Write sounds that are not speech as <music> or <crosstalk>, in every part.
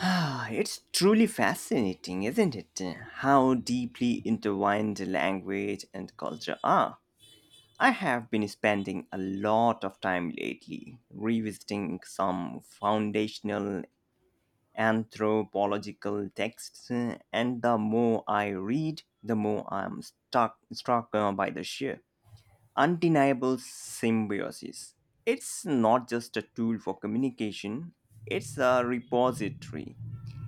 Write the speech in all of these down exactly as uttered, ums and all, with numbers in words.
Ah, it's truly fascinating, isn't it? How deeply intertwined language and culture are. I have been spending a lot of time lately revisiting some foundational anthropological texts, and the more I read, the more I'm stuck, struck uh, by the sheer undeniable symbiosis. It's not just a tool for communication, it's a repository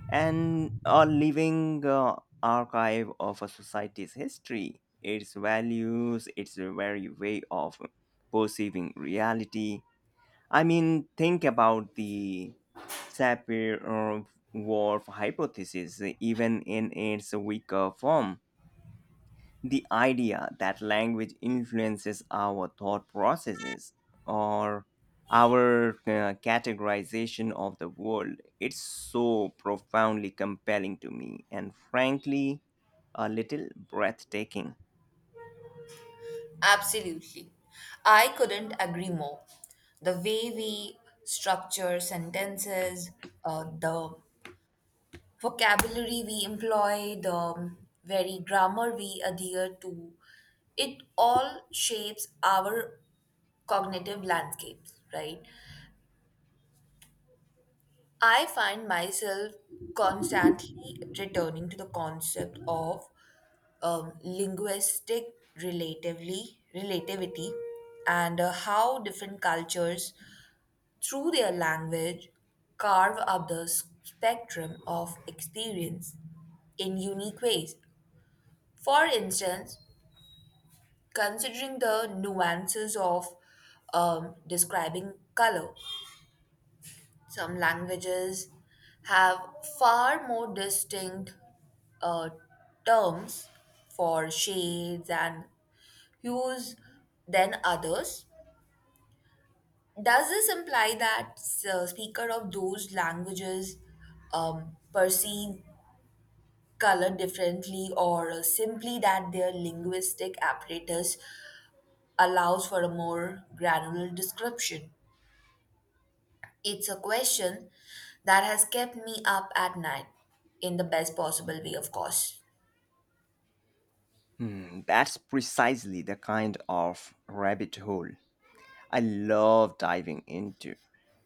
and a living uh, archive of a society's history, its values, its very way of perceiving reality. I mean, think about the Sapir-Whorf hypothesis, even in its weaker form. The idea that language influences our thought processes or our uh, categorization of the world, it's so profoundly compelling to me and frankly a little breathtaking. Absolutely. I couldn't agree more. The way we structure sentences, uh, the vocabulary we employ, the very grammar we adhere to, it all shapes our cognitive landscapes, right? I find myself constantly returning to the concept of um, linguistic relatively relativity and uh, how different cultures, through their language, carve up the s- spectrum of experience in unique ways. For instance, considering the nuances of um, describing color. Some languages have far more distinct uh, terms for shades and hues than others. Does this imply that uh, speaker of those languages um, perceive color differently, or simply that their linguistic apparatus allows for a more granular description? It's a question that has kept me up at night, in the best possible way, of course. Hmm, that's precisely the kind of rabbit hole I love diving into.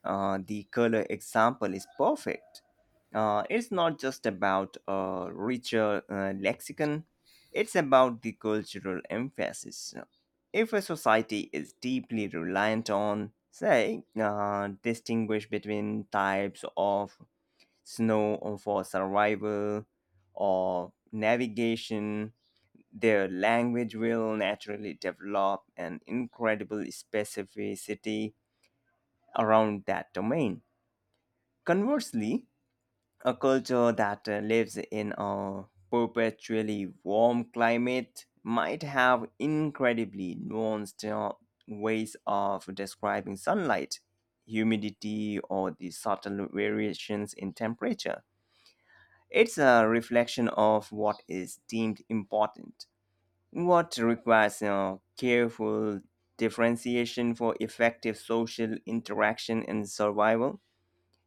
Uh, the color example is perfect. Uh, it's not just about a richer uh, lexicon, it's about the cultural emphasis. If a society is deeply reliant on, say, uh, distinguish between types of snow for survival or navigation, their language will naturally develop an incredible specificity around that domain. Conversely, a culture that uh, lives in a perpetually warm climate might have incredibly nuanced uh, ways of describing sunlight, humidity, or the subtle variations in temperature. It's a reflection of what is deemed important, what requires uh, careful differentiation for effective social interaction and survival.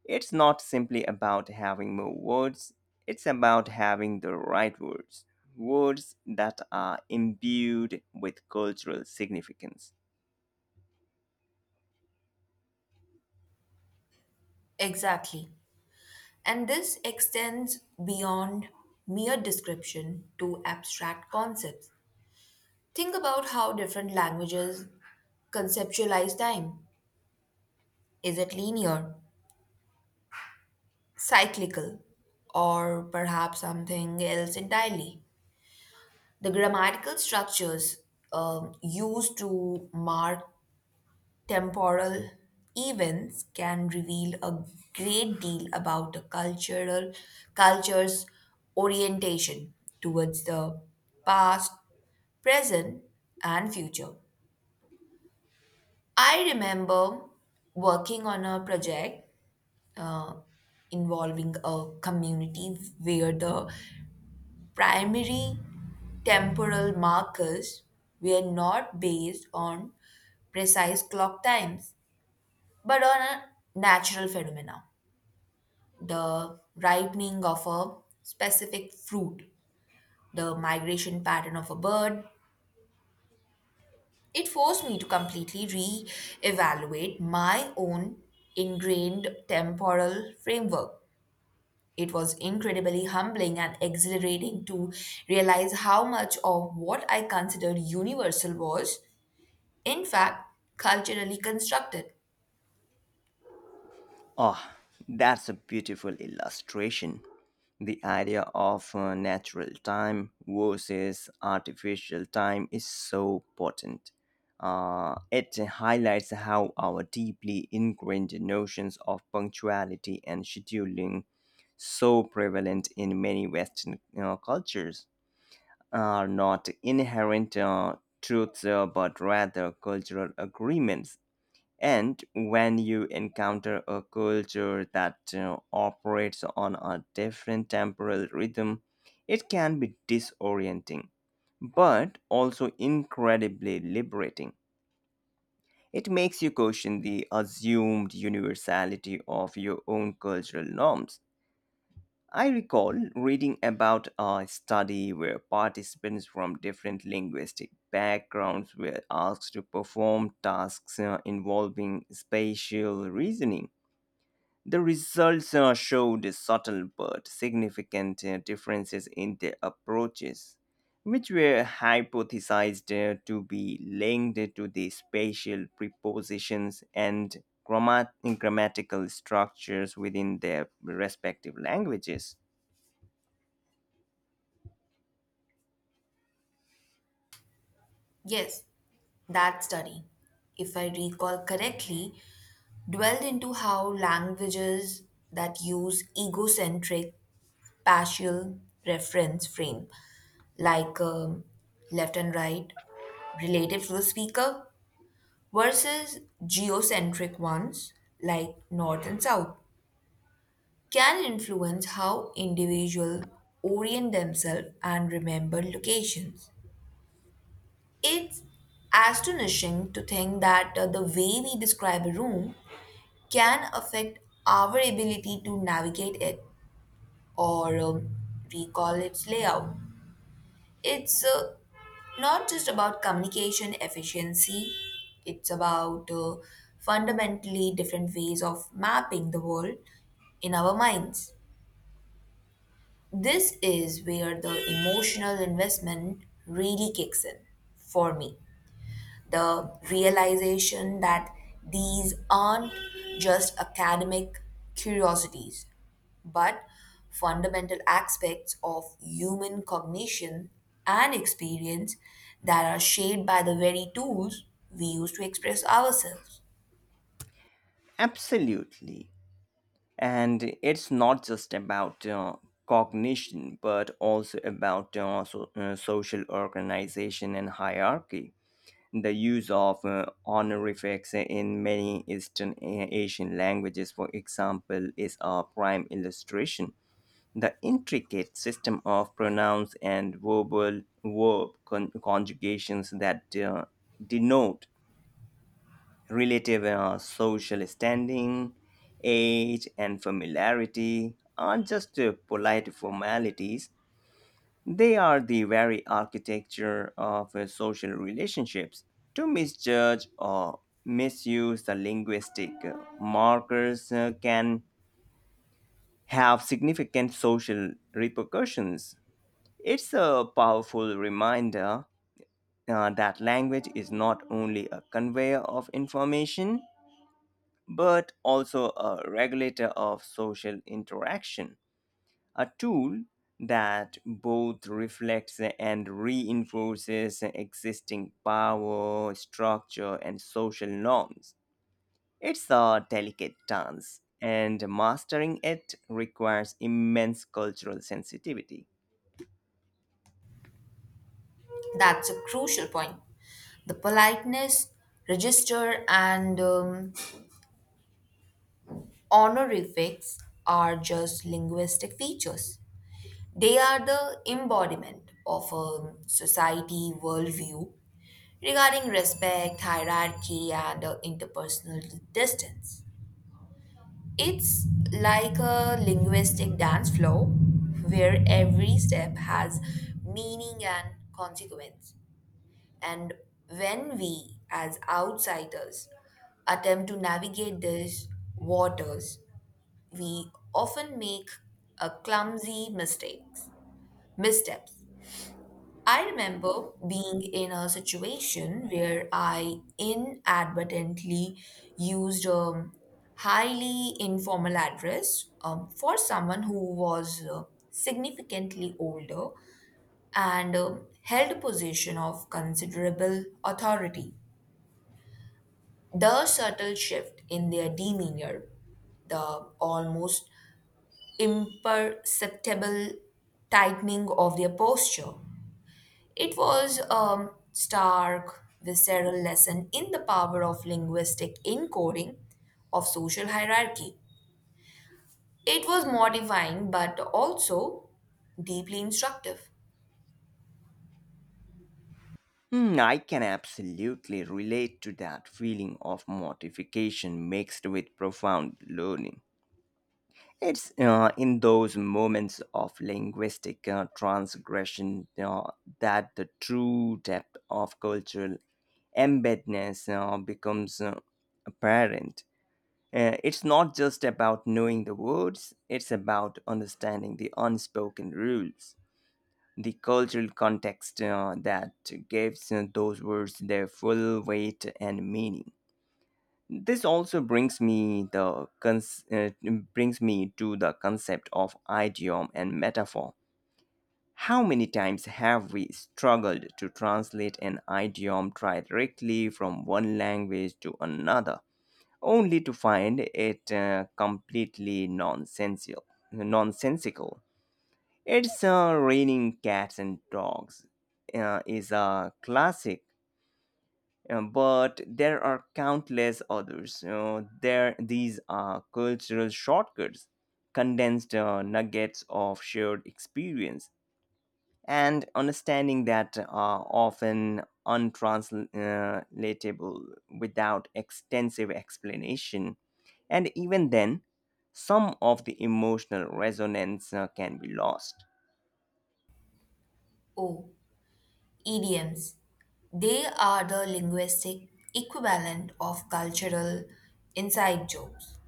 It's not simply about having more words, it's about having the right words, words that are imbued with cultural significance. Exactly. And this extends beyond mere description to abstract concepts. Think about how different languages conceptualize time. Is it linear, cyclical, or perhaps something else entirely? The grammatical structures um, used to mark temporal events can reveal a great deal about a cultural culture's orientation towards the past, present, and future. I remember working on a project uh, involving a community where the primary temporal markers were not based on precise clock times but on a natural phenomena, the ripening of a specific fruit, the migration pattern of a bird. It forced me to completely re evaluate my own ingrained temporal framework. It was incredibly humbling and exhilarating to realize how much of what I considered universal was, in fact, culturally constructed. Ah, that's a beautiful illustration. The idea of uh, natural time versus artificial time is so potent. Uh, it highlights how our deeply ingrained notions of punctuality and scheduling, so prevalent in many Western you cultures, are not inherent uh, truths uh, but rather cultural agreements, and when you encounter a culture that uh, operates on a different temporal rhythm, it can be disorienting, but also incredibly liberating. It makes you question the assumed universality of your own cultural norms. I recall reading about a study where participants from different linguistic backgrounds were asked to perform tasks uh, involving spatial reasoning. The results uh, showed subtle but significant uh, differences in their approaches, which were hypothesized uh, to be linked to the spatial prepositions and grammat- grammatical structures within their respective languages. Yes, that study, if I recall correctly, dwelled into how languages that use egocentric partial reference frame like um, left and right relative to the speaker versus geocentric ones like north and south can influence how individuals orient themselves and remember locations. It's astonishing to think that uh, the way we describe a room can affect our ability to navigate it or um, recall its layout. It's uh, not just about communication efficiency, it's about uh, fundamentally different ways of mapping the world in our minds. This is where the emotional investment really kicks in for me, the realization that these aren't just academic curiosities, but fundamental aspects of human cognition and experience that are shaped by the very tools we use to express ourselves. Absolutely. And it's not just about uh, cognition, but also about uh, so, uh, social organization and hierarchy. The use of uh, honorifics in many Eastern A- Asian languages, for example, is a prime illustration. The intricate system of pronouns and verbal verb con- conjugations that uh, denote relative uh, social standing, age, and familiarity aren't just uh, polite formalities, they are the very architecture of uh, social relationships. To misjudge or misuse the linguistic uh, markers uh, can have significant social repercussions. It's a powerful reminder uh, that language is not only a conveyor of information but also a regulator of social interaction, a tool that both reflects and reinforces existing power, structure, and social norms. It's a delicate dance, and mastering it requires immense cultural sensitivity. That's a crucial point. The politeness, register, and um, honorifics are just linguistic features. They are the embodiment of a society worldview regarding respect, hierarchy, and uh, interpersonal distance. It's like a linguistic dance floor where every step has meaning and consequence. And when we, as outsiders, attempt to navigate these waters, we often make a clumsy mistakes, missteps. I remember being in a situation where I inadvertently used a highly informal address um, for someone who was uh, significantly older and um, held a position of considerable authority. The subtle shift in their demeanor, the almost imperceptible tightening of their posture, it was a stark, visceral lesson in the power of linguistic encoding of social hierarchy. It was mortifying but also deeply instructive. Hmm, I can absolutely relate to that feeling of mortification mixed with profound learning. It's uh, in those moments of linguistic uh, transgression uh, that the true depth of cultural embeddedness uh, becomes uh, apparent. Uh, it's not just about knowing the words, it's about understanding the unspoken rules, the cultural context uh, that gives uh, those words their full weight and meaning. This also brings me the cons- uh, brings me to the concept of idiom and metaphor. How many times have we struggled to translate an idiom directly from one language to another, only to find it uh, completely nonsensical? Nonsensical. It's uh, raining cats and dogs uh, is a classic, um, but there are countless others. You know, there these are cultural shortcuts, condensed uh, nuggets of shared experience, and understanding that are often untranslatable without extensive explanation. And even then, some of the emotional resonance uh, can be lost. Oh, idioms. They are the linguistic equivalent of cultural inside jokes.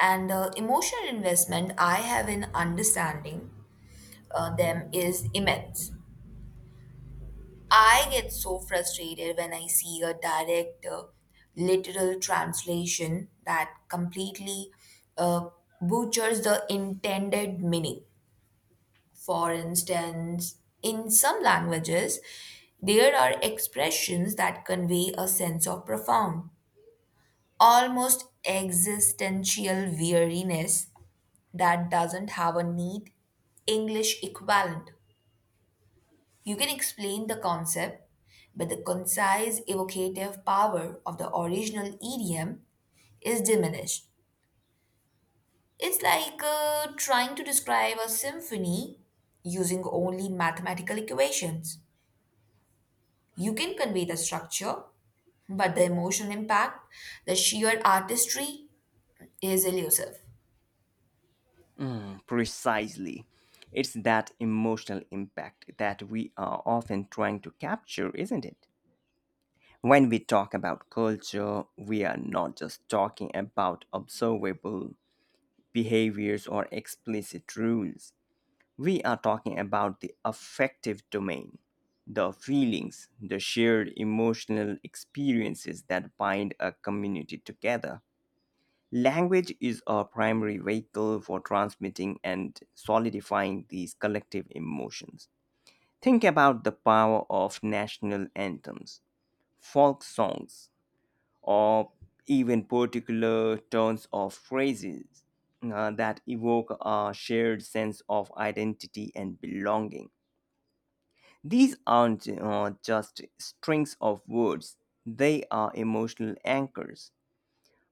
And the emotional investment I have in understanding uh, them is immense. I get so frustrated when I see a direct uh, literal translation that completely uh, butchers the intended meaning. For instance, in some languages, there are expressions that convey a sense of profound, almost existential weariness that doesn't have a neat English equivalent. You can explain the concept, but the concise evocative power of the original idiom is diminished. It's like uh, trying to describe a symphony using only mathematical equations. You can convey the structure, but the emotional impact, the sheer artistry is elusive. Precisely. It's that emotional impact that we are often trying to capture, isn't it? When we talk about culture, we are not just talking about observable behaviors or explicit rules. We are talking about the affective domain, the feelings, the shared emotional experiences that bind a community together. Language is a primary vehicle for transmitting and solidifying these collective emotions. Think about the power of national anthems, folk songs, or even particular turns of phrases uh, that evoke a shared sense of identity and belonging. These aren't uh, just strings of words, they are emotional anchors.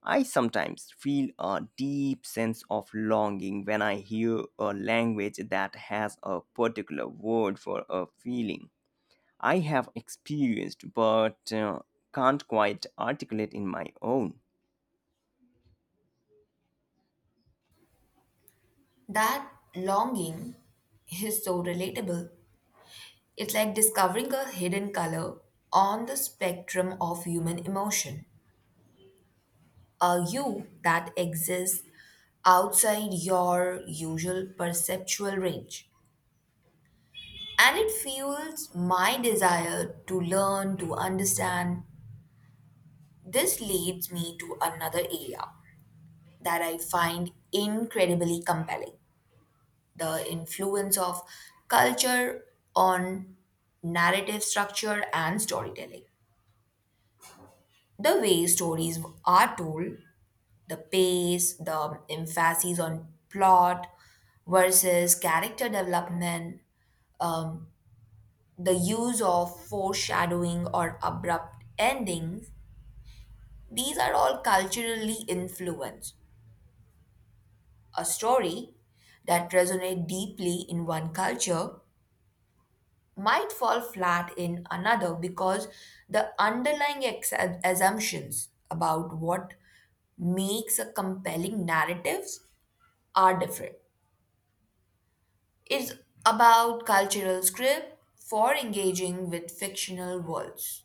I sometimes feel a deep sense of longing when I hear a language that has a particular word for a feeling I have experienced but uh, can't quite articulate in my own. That longing is so relatable. It's like discovering a hidden color on the spectrum of human emotion. A you that exists outside your usual perceptual range. And it fuels my desire to learn, to understand. This leads me to another area that I find incredibly compelling, the influence of culture on narrative structure and storytelling. The way stories are told, the pace, the emphasis on plot versus character development, um, the use of foreshadowing or abrupt endings, these are all culturally influenced. A story that resonates deeply in one culture might fall flat in another because the underlying ex- assumptions about what makes a compelling narratives are different. Is about cultural script for engaging with fictional worlds.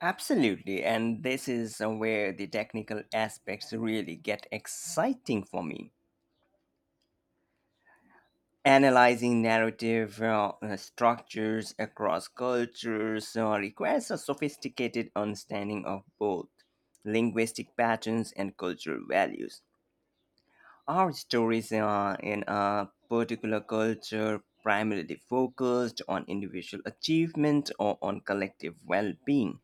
Absolutely, and this is where the technical aspects really get exciting for me. Analyzing narrative uh, uh, structures across cultures uh, requires a sophisticated understanding of both linguistic patterns and cultural values. Our stories uh, in a particular culture primarily focused on individual achievement or on collective well being.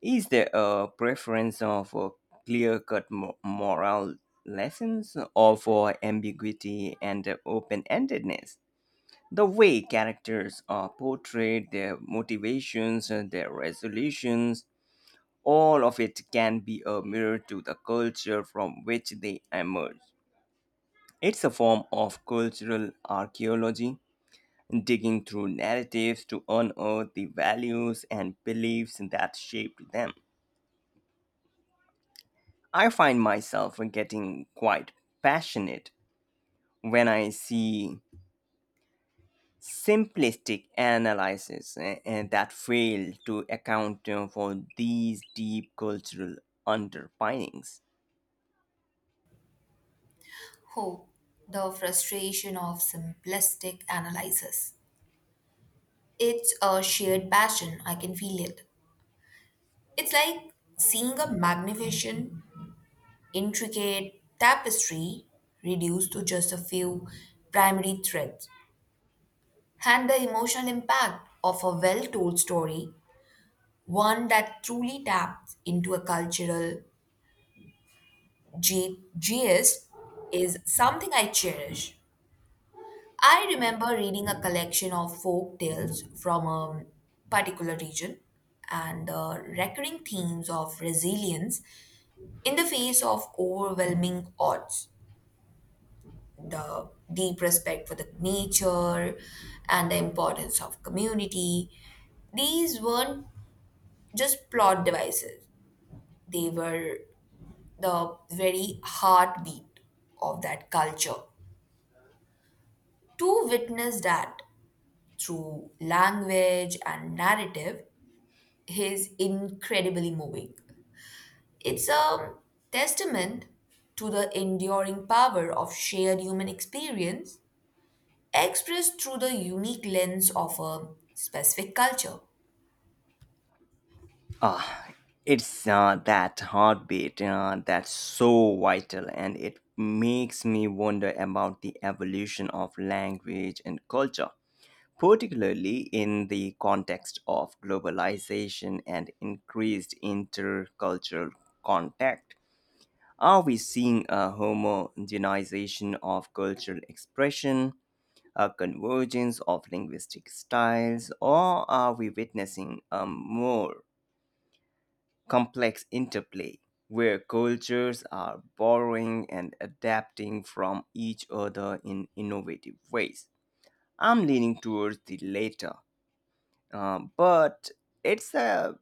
Is there a preference uh, for clear cut mo- moral lessons or for ambiguity and open endedness? The way characters are portrayed, their motivations, and their resolutions, all of it can be a mirror to the culture from which they emerge. It's a form of cultural archaeology, digging through narratives to unearth the values and beliefs that shaped them. I find myself getting quite passionate when I see simplistic analysis eh, eh, that fail to account uh, for these deep cultural underpinnings. Oh, the frustration of simplistic analysis. It's a shared passion, I can feel it. It's like seeing a magnificent, intricate tapestry reduced to just a few primary threads. And the emotional impact of a well told story, one that truly taps into a cultural J- J S is something I cherish. I remember reading a collection of folk tales from a particular region and the recurring themes of resilience in the face of overwhelming odds, the deep respect for the nature and the importance of community. These weren't just plot devices, they were the very heartbeat of that culture. To witness that through language and narrative is incredibly moving. It's a testament to the enduring power of shared human experience expressed through the unique lens of a specific culture. Ah, it's uh, that heartbeat uh, that's so vital, and it makes me wonder about the evolution of language and culture, particularly in the context of globalization and increased intercultural contact. Are we seeing a homogenization of cultural expression, a convergence of linguistic styles, or are we witnessing a more complex interplay where cultures are borrowing and adapting from each other in innovative ways? I'm leaning towards the latter, uh, but it's a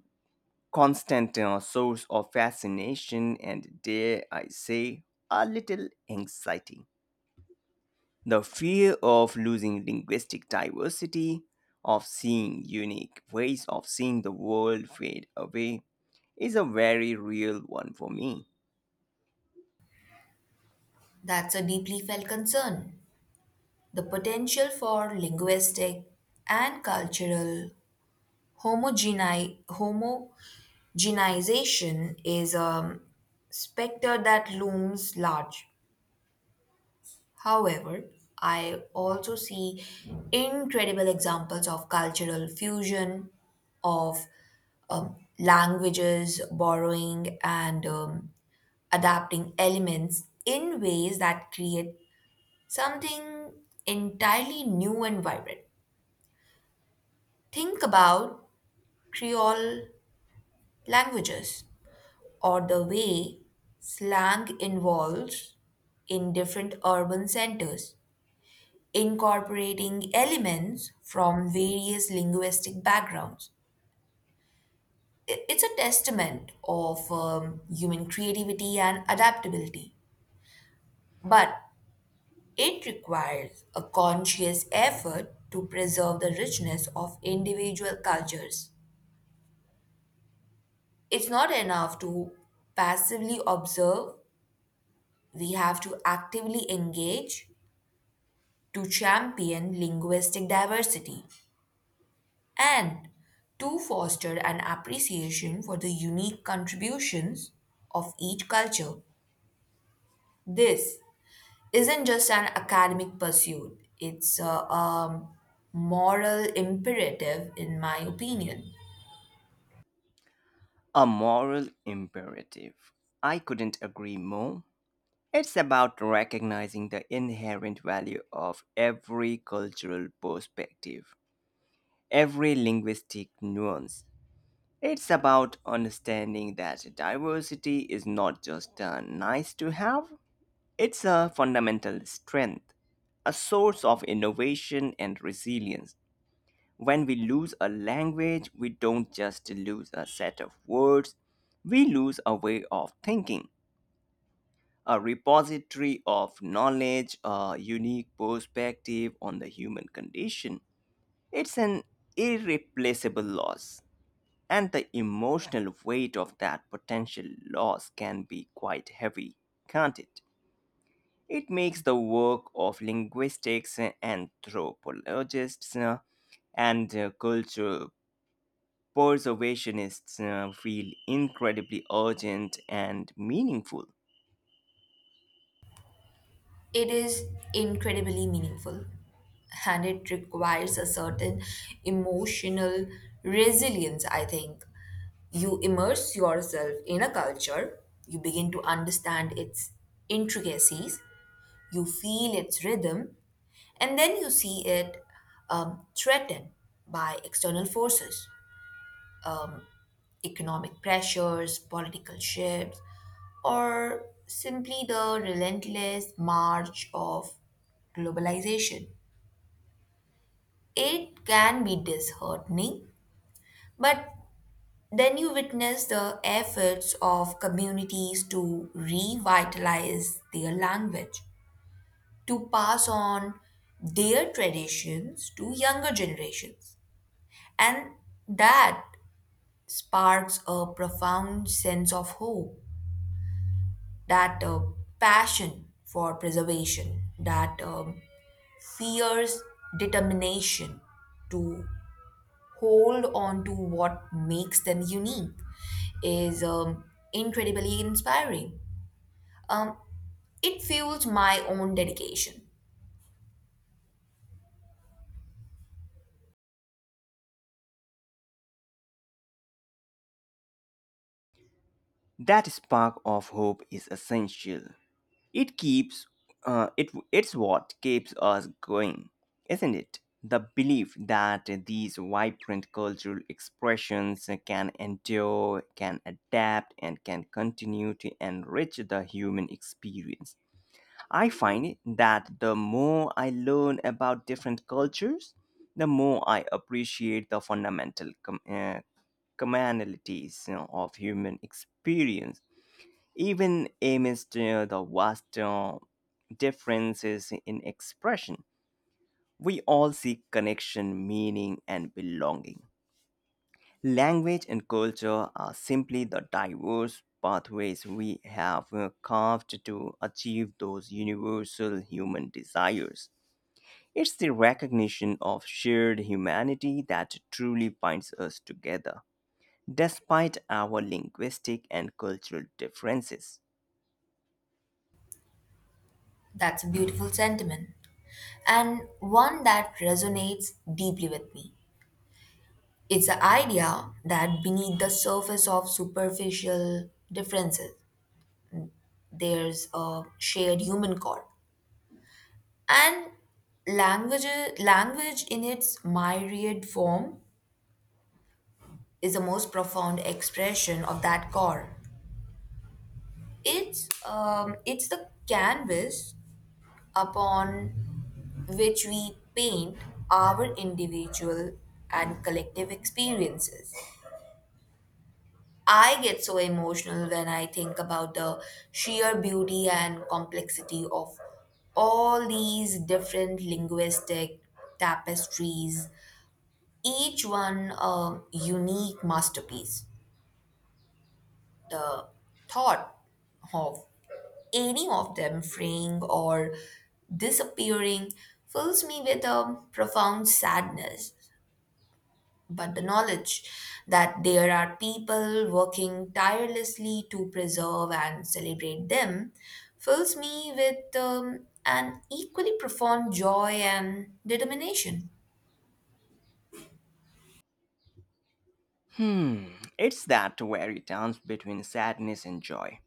constant uh, source of fascination and, dare I say, a little anxiety. The fear of losing linguistic diversity, of seeing unique ways of seeing the world fade away, is a very real one for me. That's a deeply felt concern. The potential for linguistic and cultural homogeni- homogenization is a specter that looms large. However, I also see incredible examples of cultural fusion, of um, languages borrowing and um, adapting elements in ways that create something entirely new and vibrant. Think about Creole languages or the way slang evolves in different urban centers incorporating elements from various linguistic backgrounds. I- It's a testament of um, human creativity and adaptability, but it requires a conscious effort to preserve the richness of individual cultures. It's not enough to passively observe, we have to actively engage to champion linguistic diversity. And to foster an appreciation for the unique contributions of each culture. This isn't just an academic pursuit, it's a, um, moral imperative, in my opinion. A moral imperative. I couldn't agree more. It's about recognizing the inherent value of every cultural perspective, every linguistic nuance. It's about understanding that diversity is not just a nice to have, it's a fundamental strength, a source of innovation and resilience. When we lose a language, we don't just lose a set of words, we lose a way of thinking, a repository of knowledge, a unique perspective on the human condition. It's an irreplaceable loss, and the emotional weight of that potential loss can be quite heavy, can't it? It makes the work of linguistics, uh, anthropologists, uh, and uh, cultural preservationists uh, feel incredibly urgent and meaningful. It is incredibly meaningful and it requires a certain emotional resilience, I think. You immerse yourself in a culture, you begin to understand its intricacies, you feel its rhythm, and then you see it um, threatened by external forces, um, economic pressures, political shifts, or simply the relentless march of globalization. It can be disheartening, but then you witness the efforts of communities to revitalize their language to pass on their traditions to younger generations. And that sparks a profound sense of hope, that uh, passion for preservation, that um, fierce determination to hold on to what makes them unique is um, incredibly inspiring. Um, it fuels my own dedication. That spark of hope is essential. It keeps uh, it it's what keeps us going, isn't it? The belief that these vibrant cultural expressions can endure, can adapt, and can continue to enrich the human experience. I find that the more I learn about different cultures, the more I appreciate the fundamental com- uh, commonalities, you know, of human experience even amidst uh, the vast uh, differences in expression. We all seek connection, meaning, and belonging. Language and culture are simply the diverse pathways we have uh, carved to achieve those universal human desires. It's the recognition of shared humanity that truly binds us together, despite our linguistic and cultural differences. That's a beautiful sentiment. And one that resonates deeply with me. It's the idea that beneath the surface of superficial differences, there's a shared human core. And language, language in its myriad form is the most profound expression of that core. It's, um, it's the canvas upon which we paint our individual and collective experiences. I get so emotional when I think about the sheer beauty and complexity of all these different linguistic tapestries, each one a unique masterpiece. The thought of any of them fraying or disappearing fills me with a profound sadness. But the knowledge that there are people working tirelessly to preserve and celebrate them fills me with um, an equally profound joy and determination. Hmm, it's that wary dance between sadness and joy,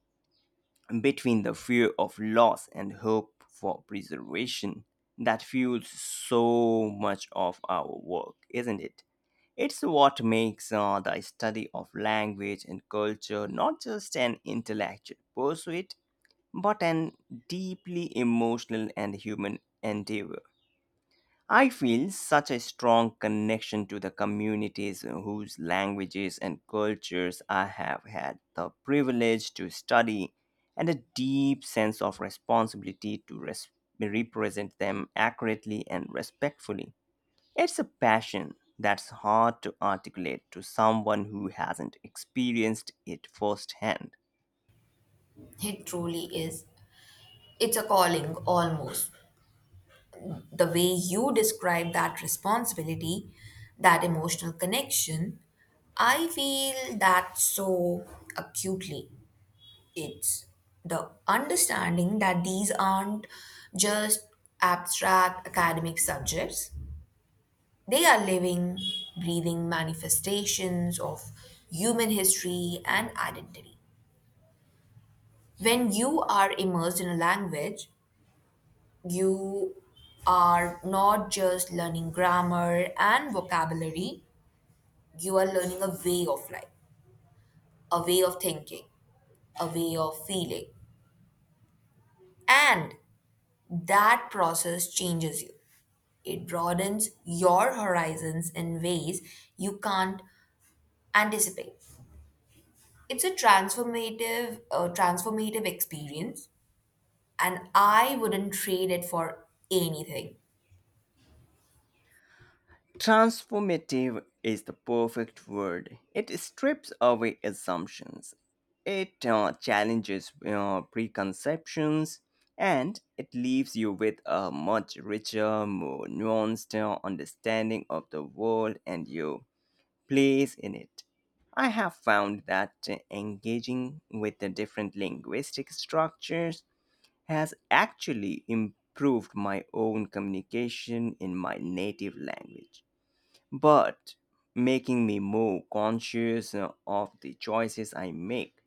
between the fear of loss and hope for preservation that fuels so much of our work, isn't it? It's what makes uh, the study of language and culture not just an intellectual pursuit, but an deeply emotional and human endeavor. I feel such a strong connection to the communities whose languages and cultures I have had the privilege to study, and a deep sense of responsibility to res- represent them accurately and respectfully. It's a passion that's hard to articulate to someone who hasn't experienced it firsthand. It truly is. It's a calling almost. The way you describe that responsibility, that emotional connection, I feel that so acutely. It's the understanding that these aren't just abstract academic subjects, they are living, breathing manifestations of human history and identity. When you are immersed in a language, you are not just learning grammar and vocabulary, you are learning a way of life, a way of thinking, a way of feeling. And that process changes you. It broadens your horizons in ways you can't anticipate. It's a transformative, uh, transformative experience, and I wouldn't trade it for anything. Transformative is the perfect word. It strips away assumptions, it uh, challenges uh, preconceptions, and it leaves you with a much richer, more nuanced uh, understanding of the world and your place in it. I have found that uh, engaging with the different linguistic structures has actually improved my own communication in my native language but making me more conscious uh, of the choices I make,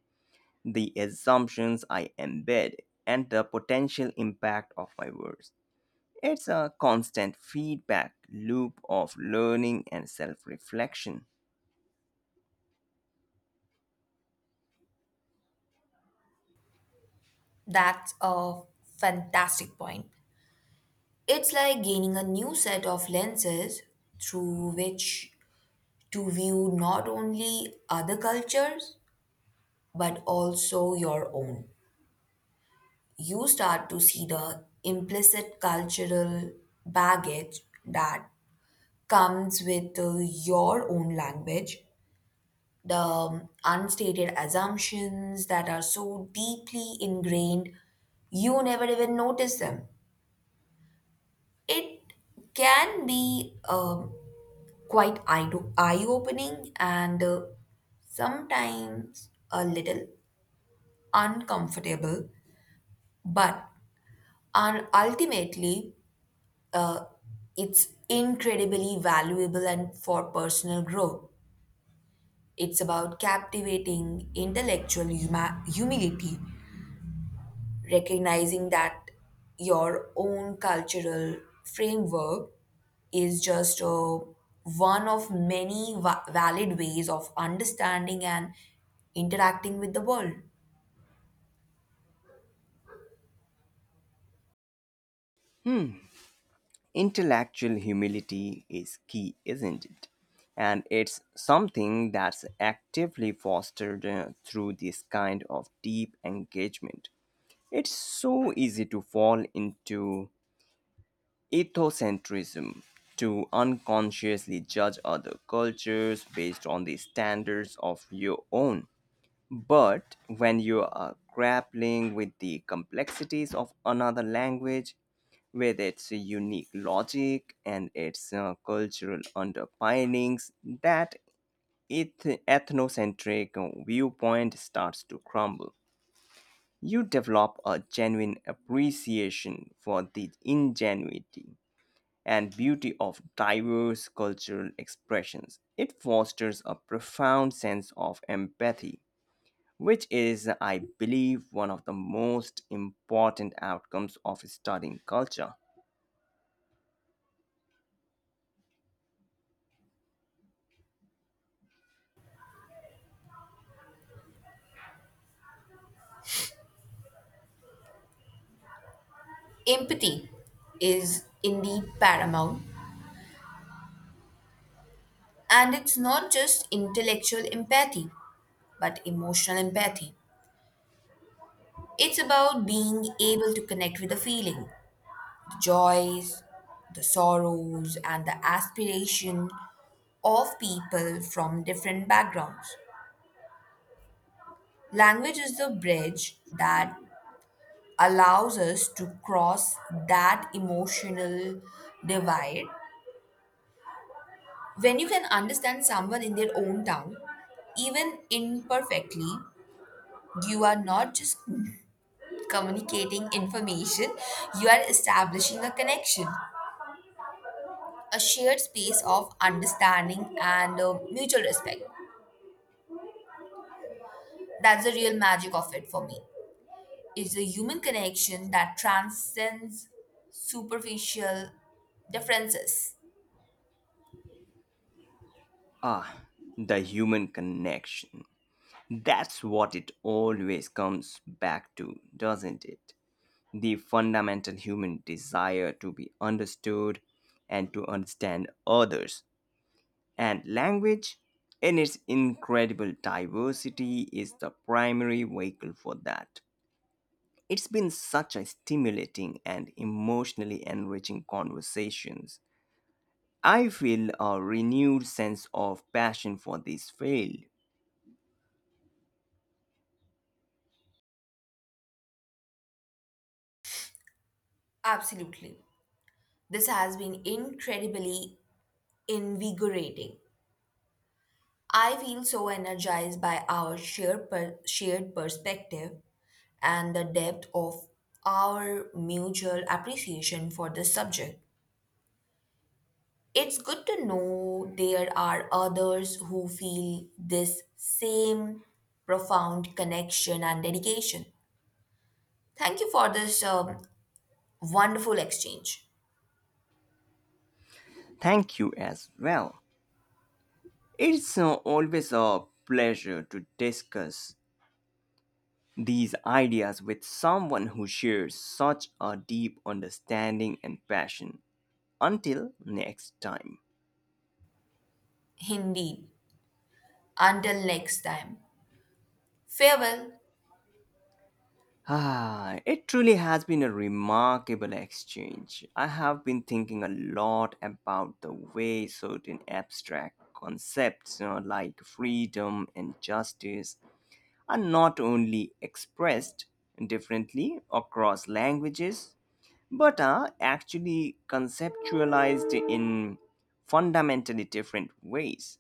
the assumptions I embed, and the potential impact of my words. It's a constant feedback loop of learning and self reflection. That's a fantastic point. It's like gaining a new set of lenses through which to view not only other cultures but also your own. You start to see the implicit cultural baggage that comes with uh, your own language, the um, unstated assumptions that are so deeply ingrained, you never even notice them. It can be um, quite eye opening and uh, sometimes a little uncomfortable, but un- ultimately, uh, it's incredibly valuable and for personal growth. It's about captivating intellectual huma- humility, recognizing that your own cultural framework is just uh, one of many va- valid ways of understanding and interacting with the world. Intellectual humility is key, isn't it? And it's something that's actively fostered uh, through this kind of deep engagement. It's so easy to fall into Ethocentrism, to unconsciously judge other cultures based on the standards of your own. But when you are grappling with the complexities of another language, with its unique logic and its uh, cultural underpinnings, that eth- ethnocentric viewpoint starts to crumble. You develop a genuine appreciation for the ingenuity and beauty of diverse cultural expressions. It fosters a profound sense of empathy, which is, I believe, one of the most important outcomes of studying culture. Empathy is indeed paramount, and it's not just intellectual empathy, but emotional empathy. It's about being able to connect with a feeling, joys, the sorrows, and the aspiration of people from different backgrounds. Language is the bridge that allows us to cross that emotional divide. When you can understand someone in their own tongue, even imperfectly, you are not just communicating information, you are establishing a connection, a shared space of understanding and uh, mutual respect. That's the real magic of it for me. It's a human connection that transcends superficial differences. Ah, the human connection. That's what it always comes back to, doesn't it? The fundamental human desire to be understood and to understand others. And language in its incredible diversity is the primary vehicle for that. It's been such a stimulating and emotionally enriching conversations. I feel a renewed sense of passion for this field. Absolutely. This has been incredibly invigorating. I feel so energized by our shared, per- shared perspective and the depth of our mutual appreciation for this subject. It's good to know there are others who feel this same profound connection and dedication. Thank you for this um, wonderful exchange. Thank you as well. It's uh, always a pleasure to discuss these ideas with someone who shares such a deep understanding and passion. Until next time. Indeed. Until next time. Farewell. Ah, it truly has been a remarkable exchange. I have been thinking a lot about the way certain abstract concepts you know, like freedom and justice are not only expressed differently across languages but are actually conceptualized in fundamentally different ways.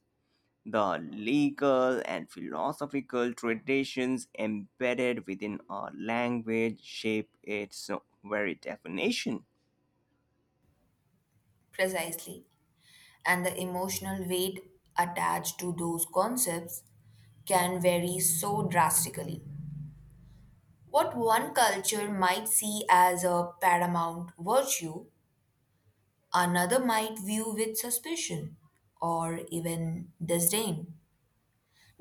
The legal and philosophical traditions embedded within our language shape its very definition. Precisely. And the emotional weight attached to those concepts can vary so drastically. What one culture might see as a paramount virtue, another might view with suspicion or even disdain,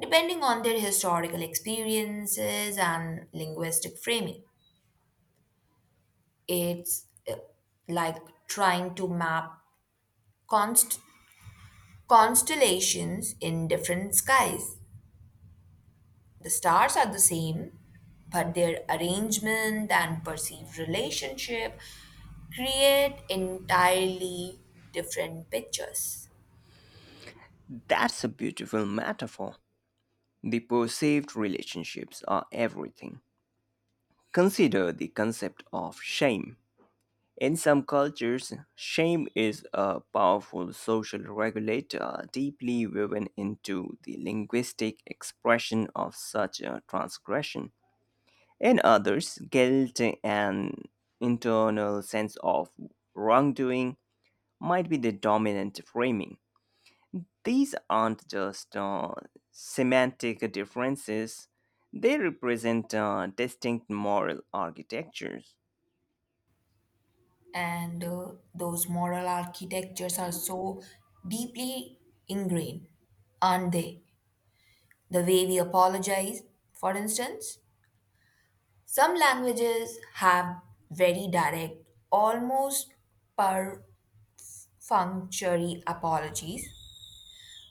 depending on their historical experiences and linguistic framing. It's uh, like trying to map const- constellations in different skies. The stars are the same, but their arrangement and perceived relationship create entirely different pictures. That's a beautiful metaphor. The perceived relationships are everything. Consider the concept of shame. In some cultures, shame is a powerful social regulator deeply woven into the linguistic expression of such a transgression. In others, guilt and internal sense of wrongdoing might be the dominant framing. These aren't just uh, semantic differences, they represent uh, distinct moral architectures. and uh, those moral architectures are so deeply ingrained, aren't they? The way we apologize, for instance, some languages have very direct, almost perfunctory apologies,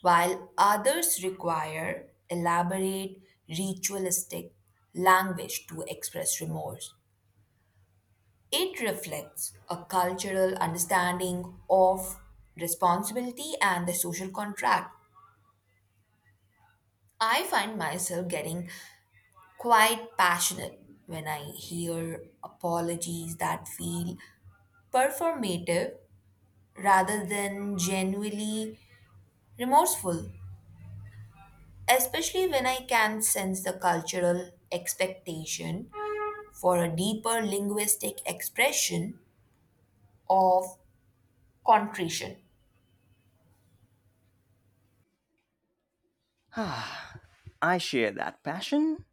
while others require elaborate, ritualistic language to express remorse. It reflects a cultural understanding of responsibility and the social contract. I find myself getting quite passionate when I hear apologies that feel performative rather than genuinely remorseful, especially when I can sense the cultural expectation for a deeper linguistic expression of contrition. I share that passion.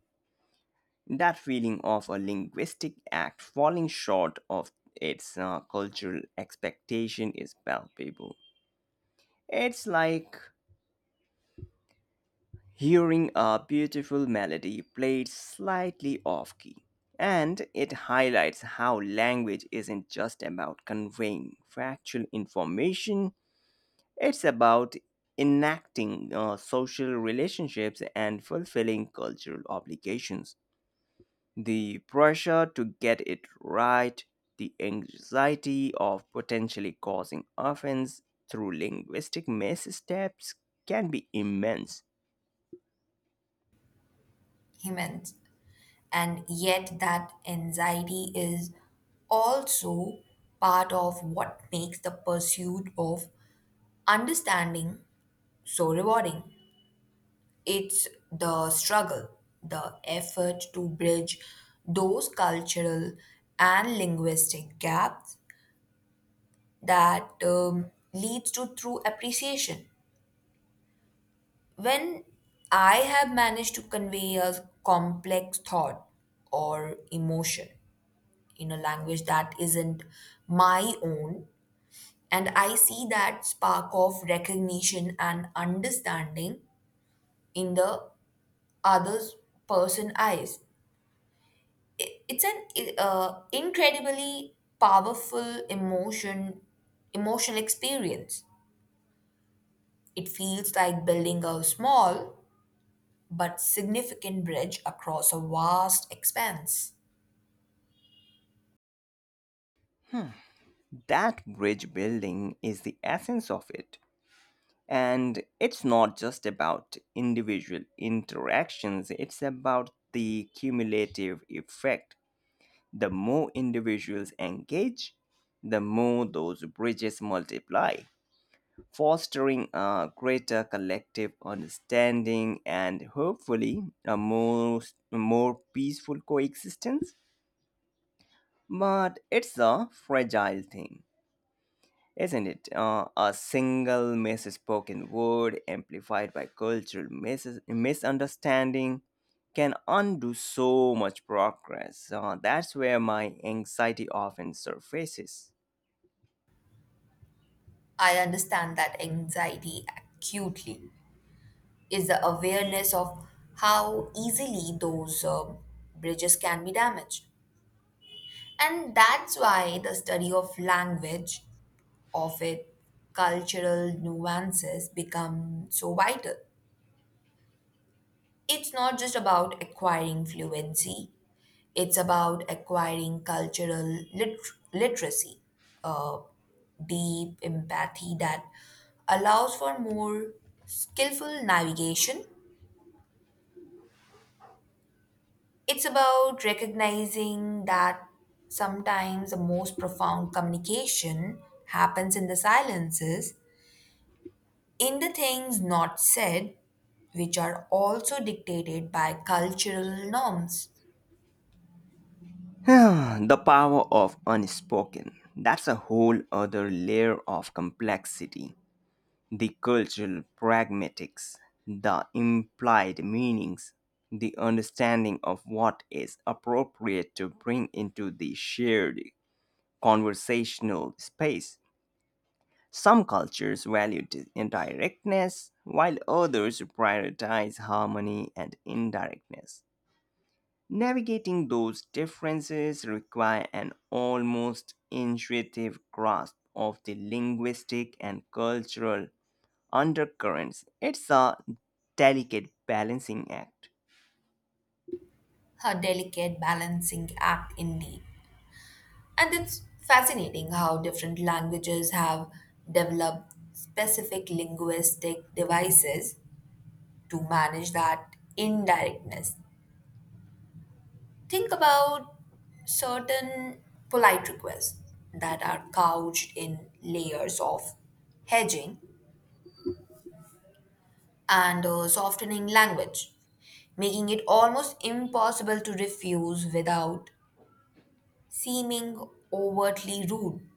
That feeling of a linguistic act falling short of its uh, cultural expectation is palpable. It's like hearing a beautiful melody played slightly off key. And it highlights how language isn't just about conveying factual information, it's about enacting uh, social relationships and fulfilling cultural obligations. The pressure to get it right, the anxiety of potentially causing offense through linguistic missteps can be immense. He meant. And yet, that anxiety is also part of what makes the pursuit of understanding so rewarding. It's the struggle, the effort to bridge those cultural and linguistic gaps that um, leads to true appreciation. When I have managed to convey a complex thought or emotion in a language that isn't my own. And I see that spark of recognition and understanding in the other's person eyes. I- It's an uh, incredibly powerful emotion, emotional experience. It feels like building a small but significant bridge across a vast expanse. That bridge building is the essence of it. And it's not just about individual interactions, it's about the cumulative effect. The more individuals engage, the more those bridges multiply, fostering a greater collective understanding and hopefully a more, more peaceful coexistence. But it's a fragile thing, isn't it? Uh, a single misspoken word amplified by cultural mis- misunderstanding can undo so much progress. Uh, that's where my anxiety often surfaces. I understand that anxiety acutely is the awareness of how easily those uh, bridges can be damaged. And that's why the study of language, of its cultural nuances, become so vital. It's not just about acquiring fluency, it's about acquiring cultural lit- literacy, uh, deep empathy that allows for more skillful navigation. It's about recognizing that sometimes the most profound communication happens in the silences, in the things not said, which are also dictated by cultural norms. <sighs> The power of unspoken. That's a whole other layer of complexity. The cultural pragmatics, the implied meanings, the understanding of what is appropriate to bring into the shared conversational space. Some cultures value di- indirectness, while others prioritize harmony and indirectness. Navigating those differences require an almost intuitive grasp of the linguistic and cultural undercurrents. It's a delicate balancing act. A delicate balancing act, indeed. And it's fascinating how different languages have developed specific linguistic devices to manage that indirectness. Think about certain polite requests that are couched in layers of hedging and uh, softening language, making it almost impossible to refuse without seeming overtly rude.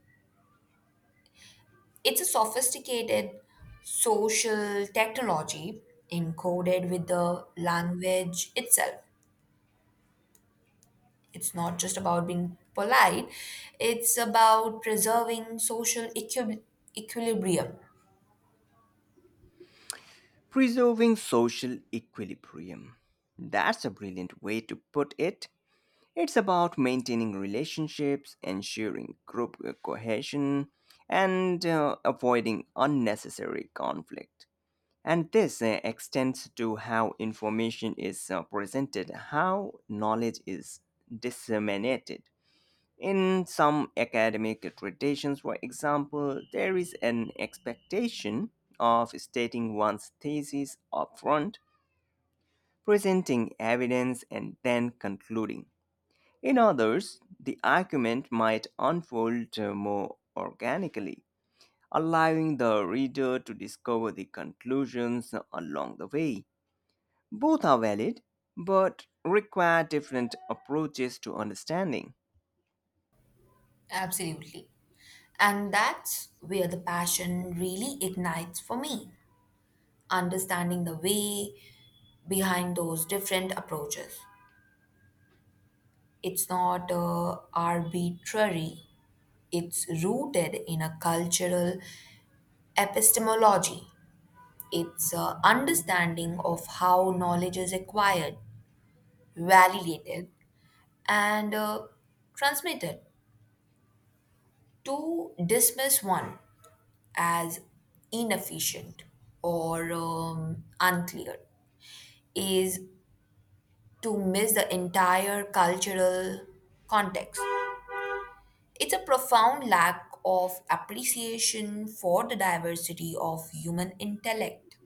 It's a sophisticated social technology encoded with the language itself. It's not just about being polite, it's about preserving social equi- equilibrium. Preserving social equilibrium. That's a brilliant way to put it. It's about maintaining relationships, ensuring group uh, cohesion, and uh, avoiding unnecessary conflict. And this uh, extends to how information is uh, presented, how knowledge is disseminated. In some academic traditions, for example, there is an expectation of stating one's thesis upfront, presenting evidence, and then concluding. In others, the argument might unfold uh, more organically, allowing the reader to discover the conclusions along the way. Both are valid, but require different approaches to understanding. Absolutely. And that's where the passion really ignites for me. Understanding the way behind those different approaches. It's not uh, arbitrary, it's rooted in a cultural epistemology. It's a understanding of how knowledge is acquired, validated, and uh, transmitted to dismiss one as inefficient or um, unclear is to miss the entire cultural context. It's a profound lack of appreciation for the diversity of human intellect,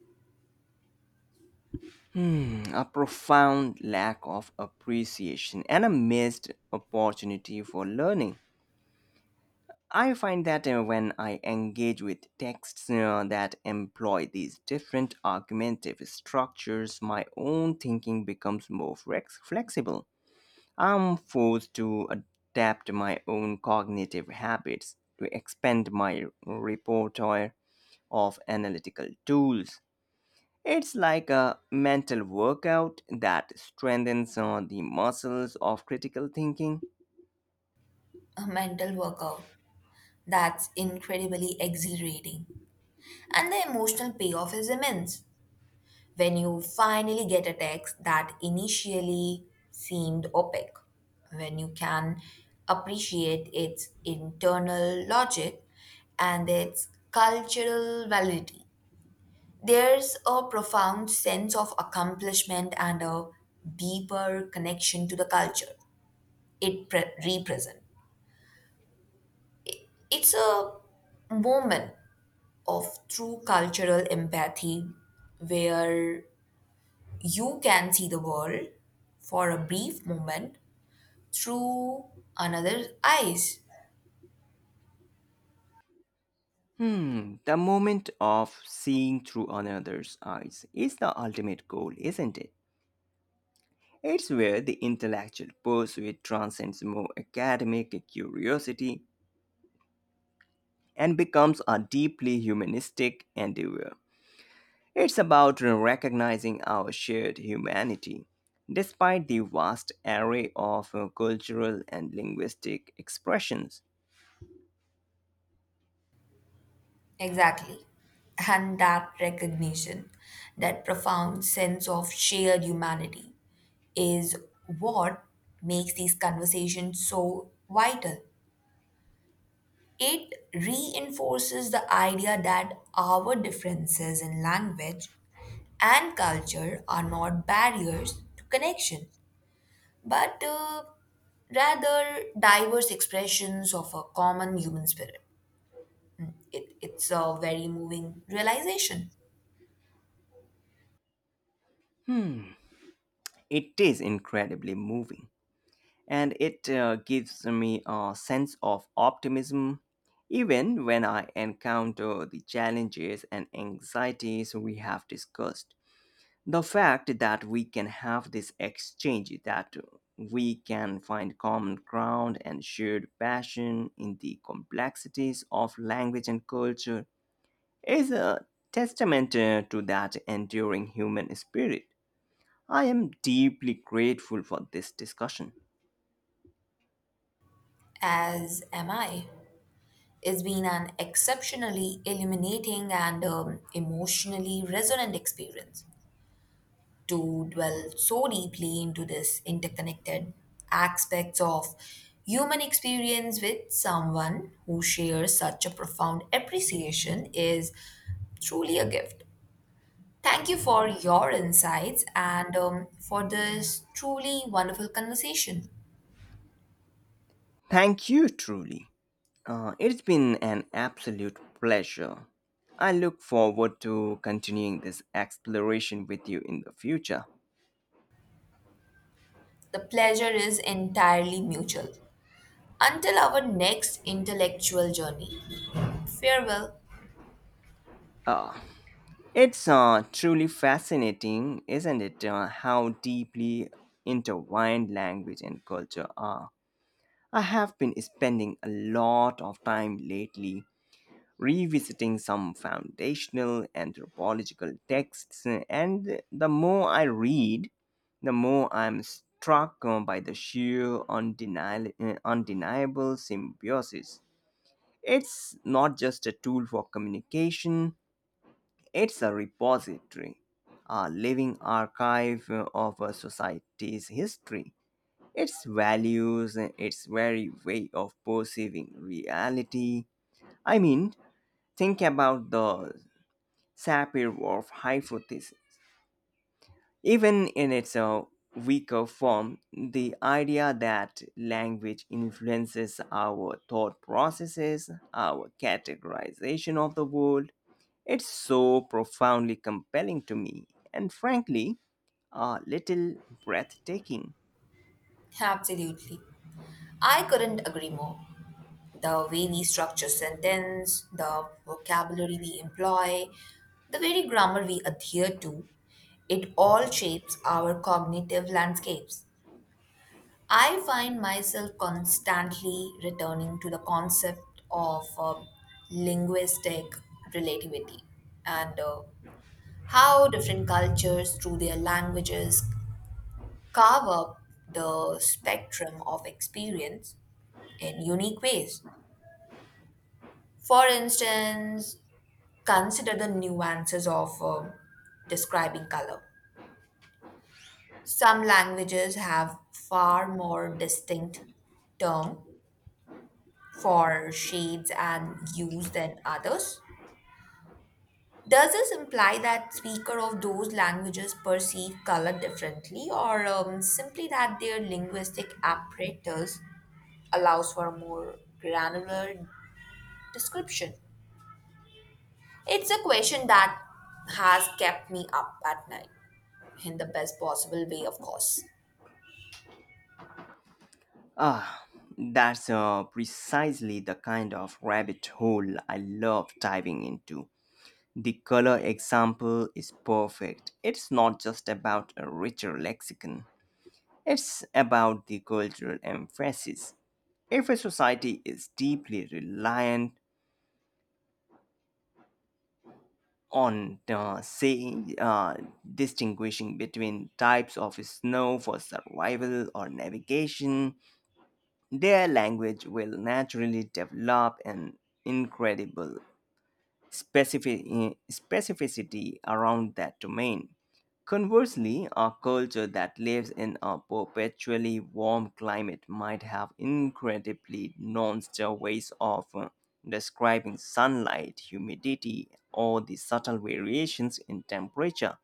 Hmm, a profound lack of appreciation and a missed opportunity for learning. I find that uh, when I engage with texts uh, that employ these different argumentative structures, my own thinking becomes more flex- flexible. I'm forced to adapt my own cognitive habits to expand my repertoire of analytical tools. It's like a mental workout that strengthens uh, the muscles of critical thinking. a mental workout that's incredibly exhilarating. And the emotional payoff is immense when you finally get a text that initially seemed opaque, when you can appreciate its internal logic and its cultural validity. There's a profound sense of accomplishment and a deeper connection to the culture it pre- represents. It's a moment of true cultural empathy where you can see the world for a brief moment through another's eyes. Hmm, the moment of seeing through another's eyes is the ultimate goal, isn't it? It's where the intellectual pursuit transcends more academic curiosity and becomes a deeply humanistic endeavor. It's about recognizing our shared humanity. Despite the vast array of uh, cultural and linguistic expressions, Exactly. And that recognition, that profound sense of shared humanity, is what makes these conversations so vital. It reinforces the idea that our differences in language and culture are not barriers to connection, but uh, rather diverse expressions of a common human spirit. It, it's a very moving realization, it is incredibly moving. And it uh, gives me a sense of optimism even when I encounter the challenges and anxieties we have discussed. The fact that we can have this exchange, that we can find common ground and shared passion in the complexities of language and culture, is a testament uh, to that enduring human spirit. I am deeply grateful for this discussion. as am I. It's been an exceptionally illuminating and um, emotionally resonant experience to dwell so deeply into this interconnected aspects of human experience with someone who shares such a profound appreciation is truly a gift. Thank you for your insights and um, for this truly wonderful conversation. Thank you, truly. Uh, it's been an absolute pleasure. I look forward to continuing this exploration with you in the future. The pleasure is entirely mutual. Until our next intellectual journey. Farewell. Uh, it's uh, truly fascinating, isn't it, uh, how deeply intertwined language and culture are. I have been spending a lot of time lately revisiting some foundational anthropological texts, and the more I read, the more I'm struck uh, by the sheer undeniable, undeniable symbiosis. It's not just a tool for communication, it's a repository, a living archive uh, of a society's history, its values, uh, its very way of perceiving reality. I mean, think about the Sapir-Whorf hypothesis. Even in its uh, weaker form, the idea that language influences our thought processes, our categorization of the world, it's so profoundly compelling to me, and frankly, a little breathtaking. Absolutely. I couldn't agree more. The way we structure sentence, the vocabulary we employ, the very grammar we adhere to, it all shapes our cognitive landscapes. I find myself constantly returning to the concept of um, linguistic relativity and uh, how different cultures, through their languages, carve up the spectrum of experience in unique ways. For instance, consider the nuances of um, describing color. Some languages have far more distinct terms for shades and hues than others. Does this imply that speaker of those languages perceive color differently, or um, simply that their linguistic apparatus allows for a more granular description? It's a question that has kept me up at night in the best possible way, of course. <laughs> Ah, that's uh, precisely the kind of rabbit hole I love diving into. The color example is perfect. It's not just about a richer lexicon, it's about the cultural emphasis. If a society is deeply reliant on the saying, uh, distinguishing between types of snow for survival or navigation, their language will naturally develop an incredible specifi- specificity around that domain. Conversely, a culture that lives in a perpetually warm climate might have incredibly nonchalant ways of uh, describing sunlight, humidity, or the subtle variations in temperature.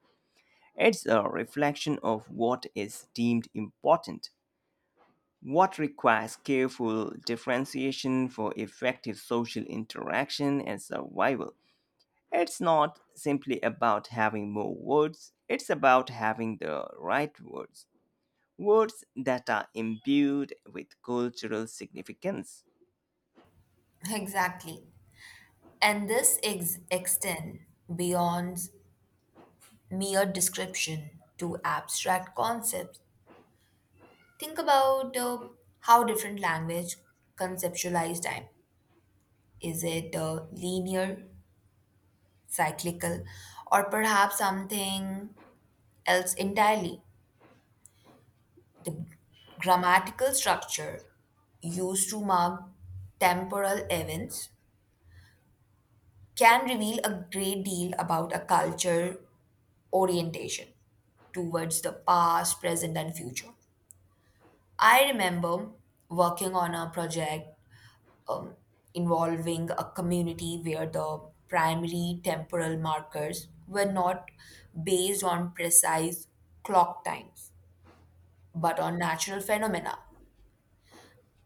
It's a reflection of what is deemed important, what requires careful differentiation for effective social interaction and survival. It's not simply about having more words, it's about having the right words. Words that are imbued with cultural significance. Exactly. And this ex- extend beyond mere description to abstract concepts think about uh, how different language conceptualize time. Is it uh, linear, cyclical, or perhaps something else entirely? The grammatical structure used to mark temporal events can reveal a great deal about a culture orientation towards the past, present, and future. I remember working on a project um, involving a community where the primary temporal markers were not based on precise clock times, but on natural phenomena.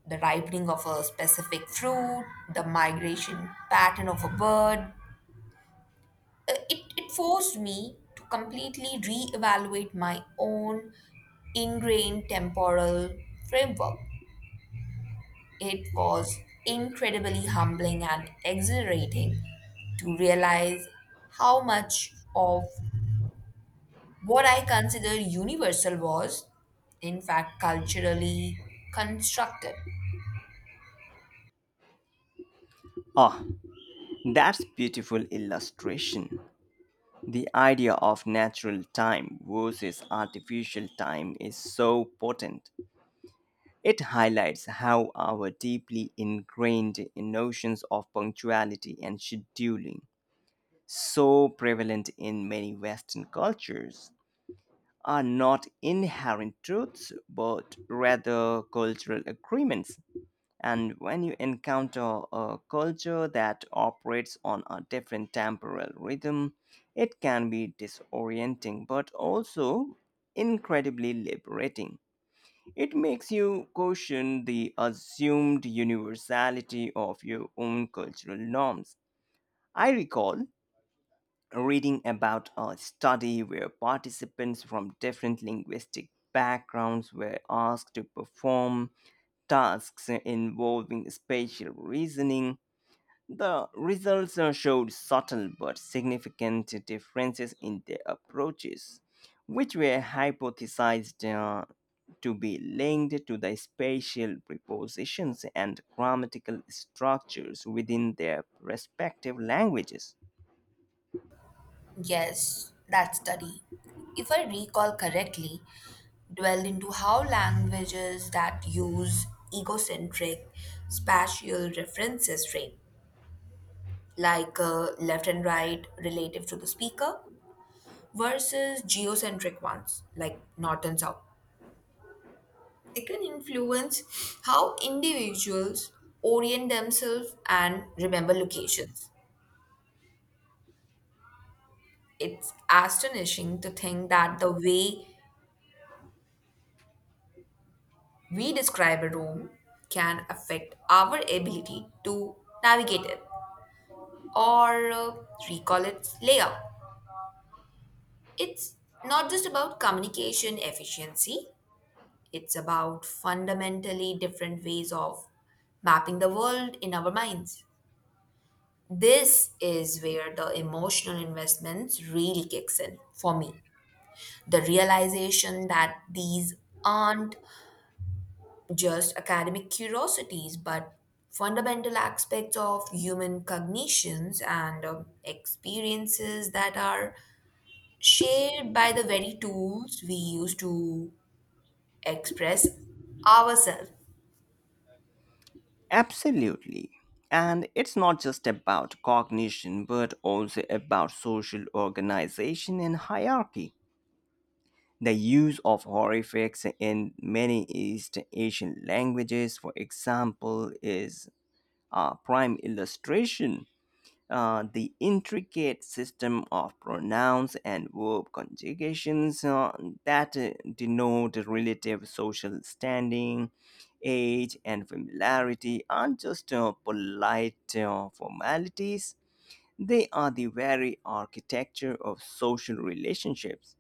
The ripening of a specific fruit, the migration pattern of a bird. Uh, It, it forced me to completely reevaluate my own ingrained temporal framework. It was incredibly humbling and exhilarating to realize how much of what I consider universal was, in fact, culturally constructed. Ah, that's beautiful illustration. The idea of natural time versus artificial time is so potent. It highlights how our deeply ingrained notions of punctuality and scheduling so prevalent in many Western cultures are not inherent truths but rather cultural agreements. And when you encounter a culture that operates on a different temporal rhythm, it can be disorienting but also incredibly liberating. It makes you question the assumed universality of your own cultural norms. I recall reading about a study where participants from different linguistic backgrounds were asked to perform tasks involving spatial reasoning. The results uh, showed subtle but significant differences in their approaches, which were hypothesized uh, to be linked to the spatial prepositions and grammatical structures within their respective languages. Yes, that study, if I recall correctly, dwelled into how languages that use egocentric spatial references frame, like uh, left and right relative to the speaker, versus geocentric ones like north and south. It can influence how individuals orient themselves and remember locations. It's astonishing to think that the way we describe a room can affect our ability to navigate it or uh, recall its layout. It's not just about communication efficiency, it's about fundamentally different ways of mapping the world in our minds. This is where the emotional investments really kicks in for me. The realization that these aren't just academic curiosities, but fundamental aspects of human cognitions and um, experiences that are shared by the very tools we use to express ourselves. Absolutely. And it's not just about cognition, but also about social organization and hierarchy. The use of horrifics in many East Asian languages, for example, is a prime illustration. Uh, the intricate system of pronouns and verb conjugations uh, that uh, denote relative social standing, age, and familiarity aren't just uh, polite uh, formalities, they are the very architecture of social relationships.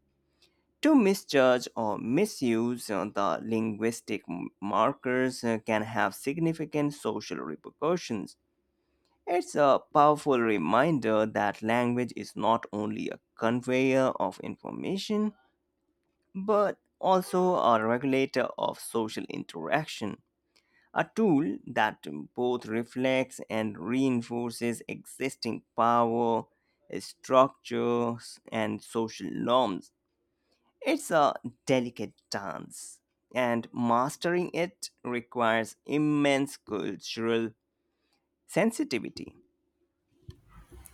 To misjudge or misuse uh, the linguistic m- markers uh, can have significant social repercussions. It's a powerful reminder that language is not only a conveyor of information, but also a regulator of social interaction, a tool that both reflects and reinforces existing power, structures, and social norms. It's a delicate dance, and mastering it requires immense cultural sensitivity.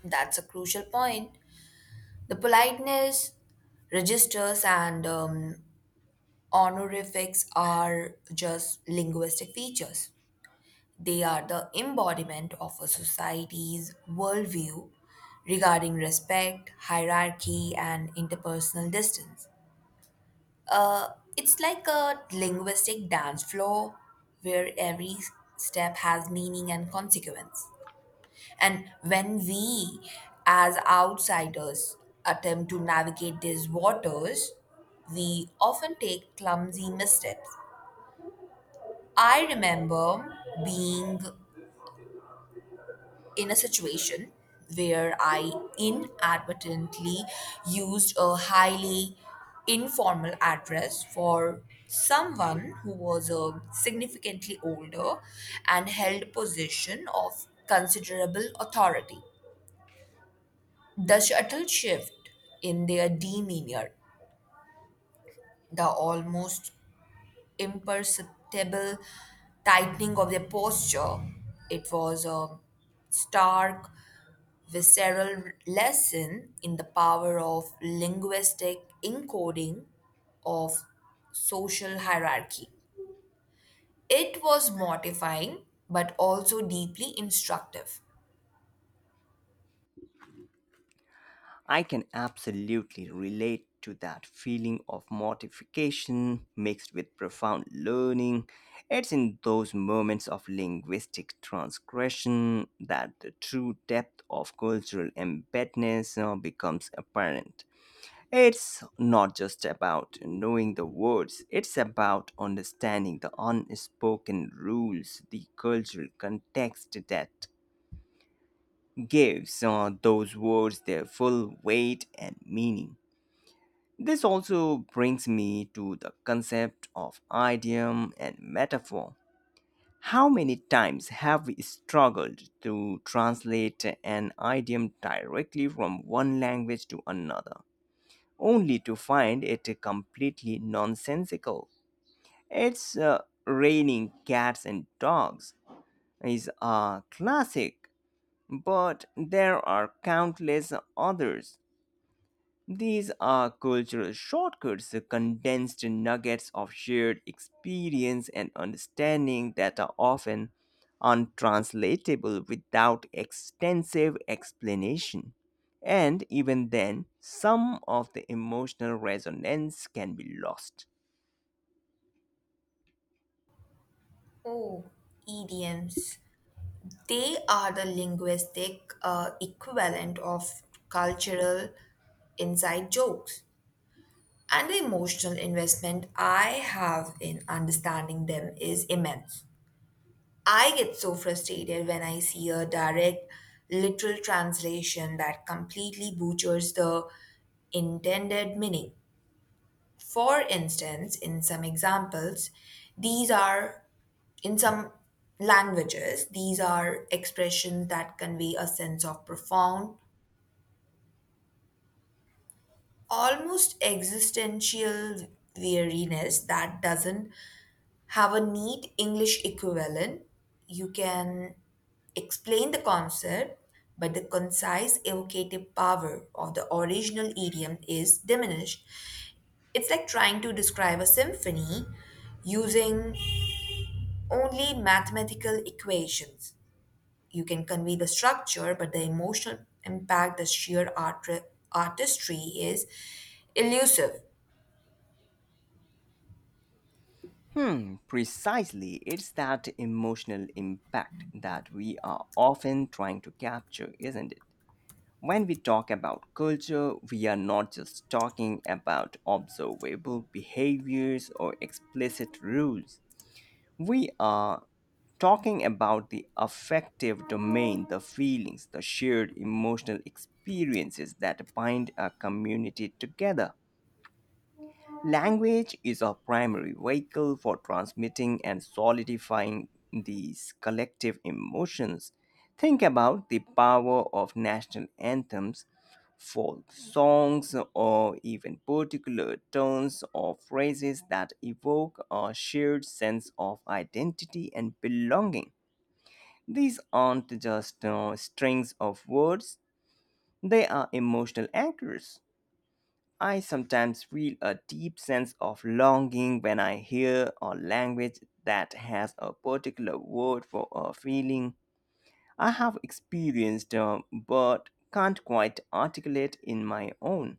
That's a crucial point. The politeness registers and um, honorifics are just linguistic features. They are the embodiment of a society's worldview regarding respect, hierarchy, and interpersonal distance. Uh, it's like a linguistic dance floor where every step has meaning and consequence. And when we, as outsiders, attempt to navigate these waters, we often take clumsy missteps. I remember being in a situation where I inadvertently used a highly informal address for someone who was uh, significantly older and held a position of considerable authority. The subtle shift in their demeanor, the almost imperceptible tightening of their posture, it was a stark visceral lesson in the power of linguistic encoding of social hierarchy. It was mortifying but also deeply instructive. I can absolutely relate to that feeling of mortification mixed with profound learning. It's in those moments of linguistic transgression that the true depth of cultural embeddedness uh, becomes apparent. It's not just about knowing the words, it's about understanding the unspoken rules, the cultural context that gives uh, those words their full weight and meaning. This also brings me to the concept of idiom and metaphor. How many times have we struggled to translate an idiom directly from one language to another, only to find it completely nonsensical? It's uh, raining cats and dogs is a classic, but there are countless others. These are cultural shortcuts, condensed nuggets of shared experience and understanding that are often untranslatable without extensive explanation. And even then, some of the emotional resonance can be lost. Oh, idioms. They are the linguistic uh, equivalent of cultural inside jokes. And the emotional investment I have in understanding them is immense. I get so frustrated when I see a direct literal translation that completely butchers the intended meaning. For instance, in some examples, these are, in some languages, these are expressions that convey a sense of profound, almost existential weariness that doesn't have a neat English equivalent. You can explain the concept, but the concise evocative power of the original idiom is diminished. It's like trying to describe a symphony using only mathematical equations. You can convey the structure, but the emotional impact, the sheer art- artistry is elusive. Hmm, precisely. It's that emotional impact that we are often trying to capture, isn't it? When we talk about culture, we are not just talking about observable behaviors or explicit rules. We are talking about the affective domain, the feelings, the shared emotional experiences that bind a community together. Language is a primary vehicle for transmitting and solidifying these collective emotions. Think about the power of national anthems, folk songs, or even particular tones or phrases that evoke a shared sense of identity and belonging. These aren't just uh, strings of words, they are emotional anchors. I sometimes feel a deep sense of longing when I hear a language that has a particular word for a feeling I have experienced uh, but can't quite articulate in my own.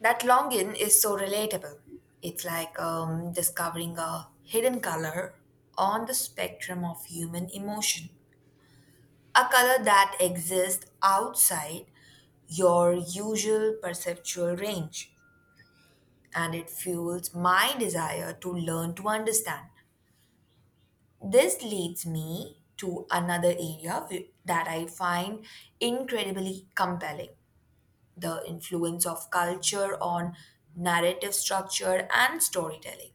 That longing is so relatable. It's like um, discovering a hidden color on the spectrum of human emotion. A color that exists outside your usual perceptual range, and it fuels my desire to learn to understand. This leads me to another area wh- that I find incredibly compelling, the influence of culture on narrative structure and storytelling.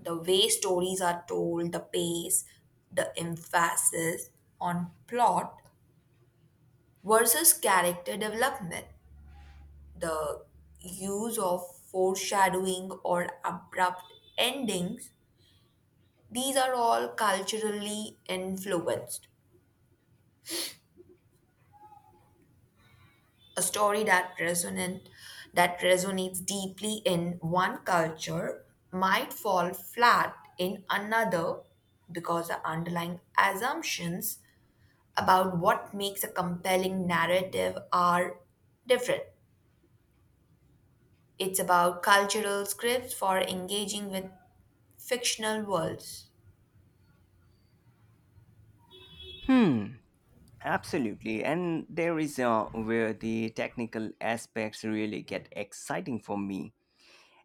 The way stories are told, the pace, the emphasis on plot versus character development. The use of foreshadowing or abrupt endings, these are all culturally influenced. A story that resonant that resonates deeply in one culture might fall flat in another because the underlying assumptions about what makes a compelling narrative are different. It's about cultural scripts for engaging with fictional worlds. Hmm, absolutely, and there is uh, where the technical aspects really get exciting for me.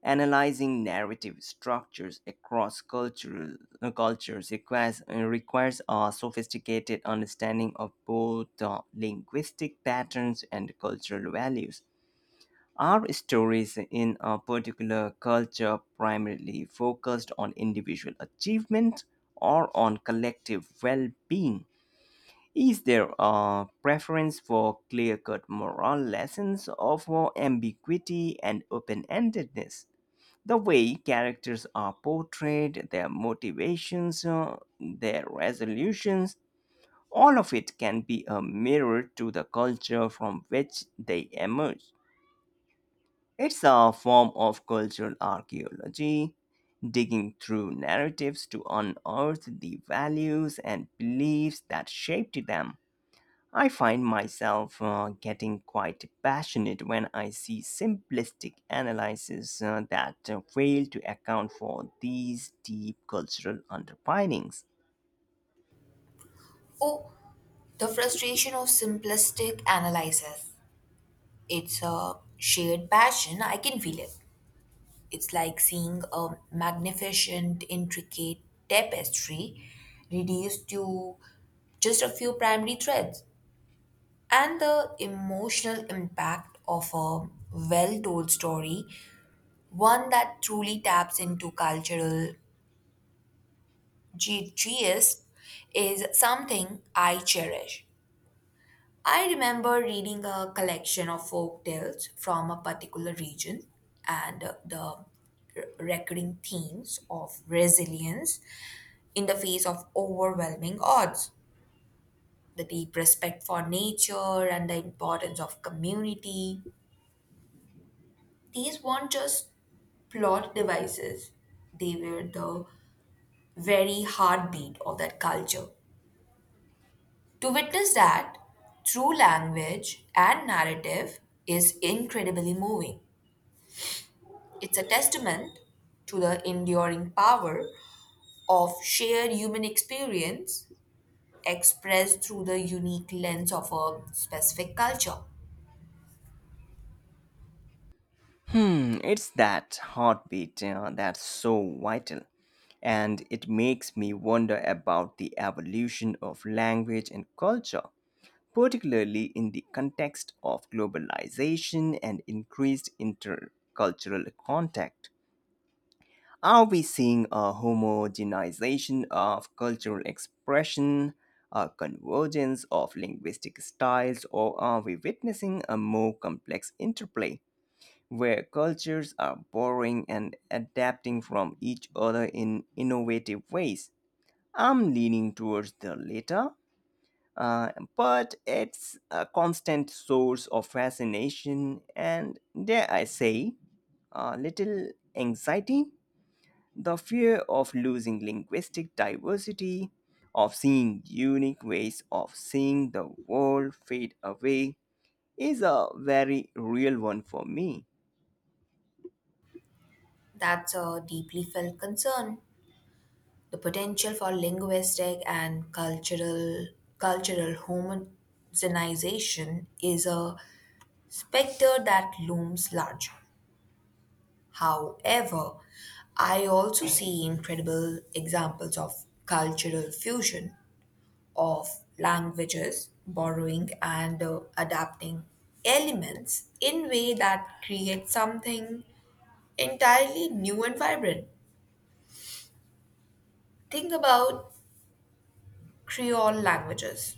Analyzing narrative structures across cultural uh, cultures requires uh, requires a sophisticated understanding of both uh, linguistic patterns and cultural values. Are stories in a particular culture primarily focused on individual achievement or on collective well-being? Is there a preference for clear cut moral lessons or for ambiguity and open endedness? The way characters are portrayed, their motivations, uh, their resolutions, all of it can be a mirror to the culture from which they emerge. It's a form of cultural archaeology, digging through narratives to unearth the values and beliefs that shaped them. I find myself uh, getting quite passionate when I see simplistic analyses uh, that uh, fail to account for these deep cultural underpinnings. Oh, the frustration of simplistic analysis. It's a shared passion. I can feel it. It's like seeing a magnificent, intricate tapestry reduced to just a few primary threads. And the emotional impact of a well told story, one that truly taps into cultural ge- geist, is something I cherish. I remember reading a collection of folk tales from a particular region and uh, the re- recurring themes of resilience in the face of overwhelming odds, the deep respect for nature and the importance of community. These weren't just plot devices, they were the very heartbeat of that culture. To witness that through language and narrative is incredibly moving. It's a testament to the enduring power of shared human experience expressed through the unique lens of a specific culture. Hmm, it's that heartbeat uh, that's so vital. And it makes me wonder about the evolution of language and culture, particularly in the context of globalization and increased intercultural contact. Are we seeing a homogenization of cultural expression, a convergence of linguistic styles, or are we witnessing a more complex interplay where cultures are borrowing and adapting from each other in innovative ways? I'm leaning towards the latter, uh, but it's a constant source of fascination and, dare I say, a little anxiety. The fear of losing linguistic diversity, of seeing unique ways of seeing the world fade away, is a very real one for me. That's a deeply felt concern. The potential for linguistic and cultural cultural homogenization is a specter that looms large. However, I also see incredible examples of cultural fusion of languages, borrowing and uh, adapting elements in way that create something entirely new and vibrant. Think about Creole languages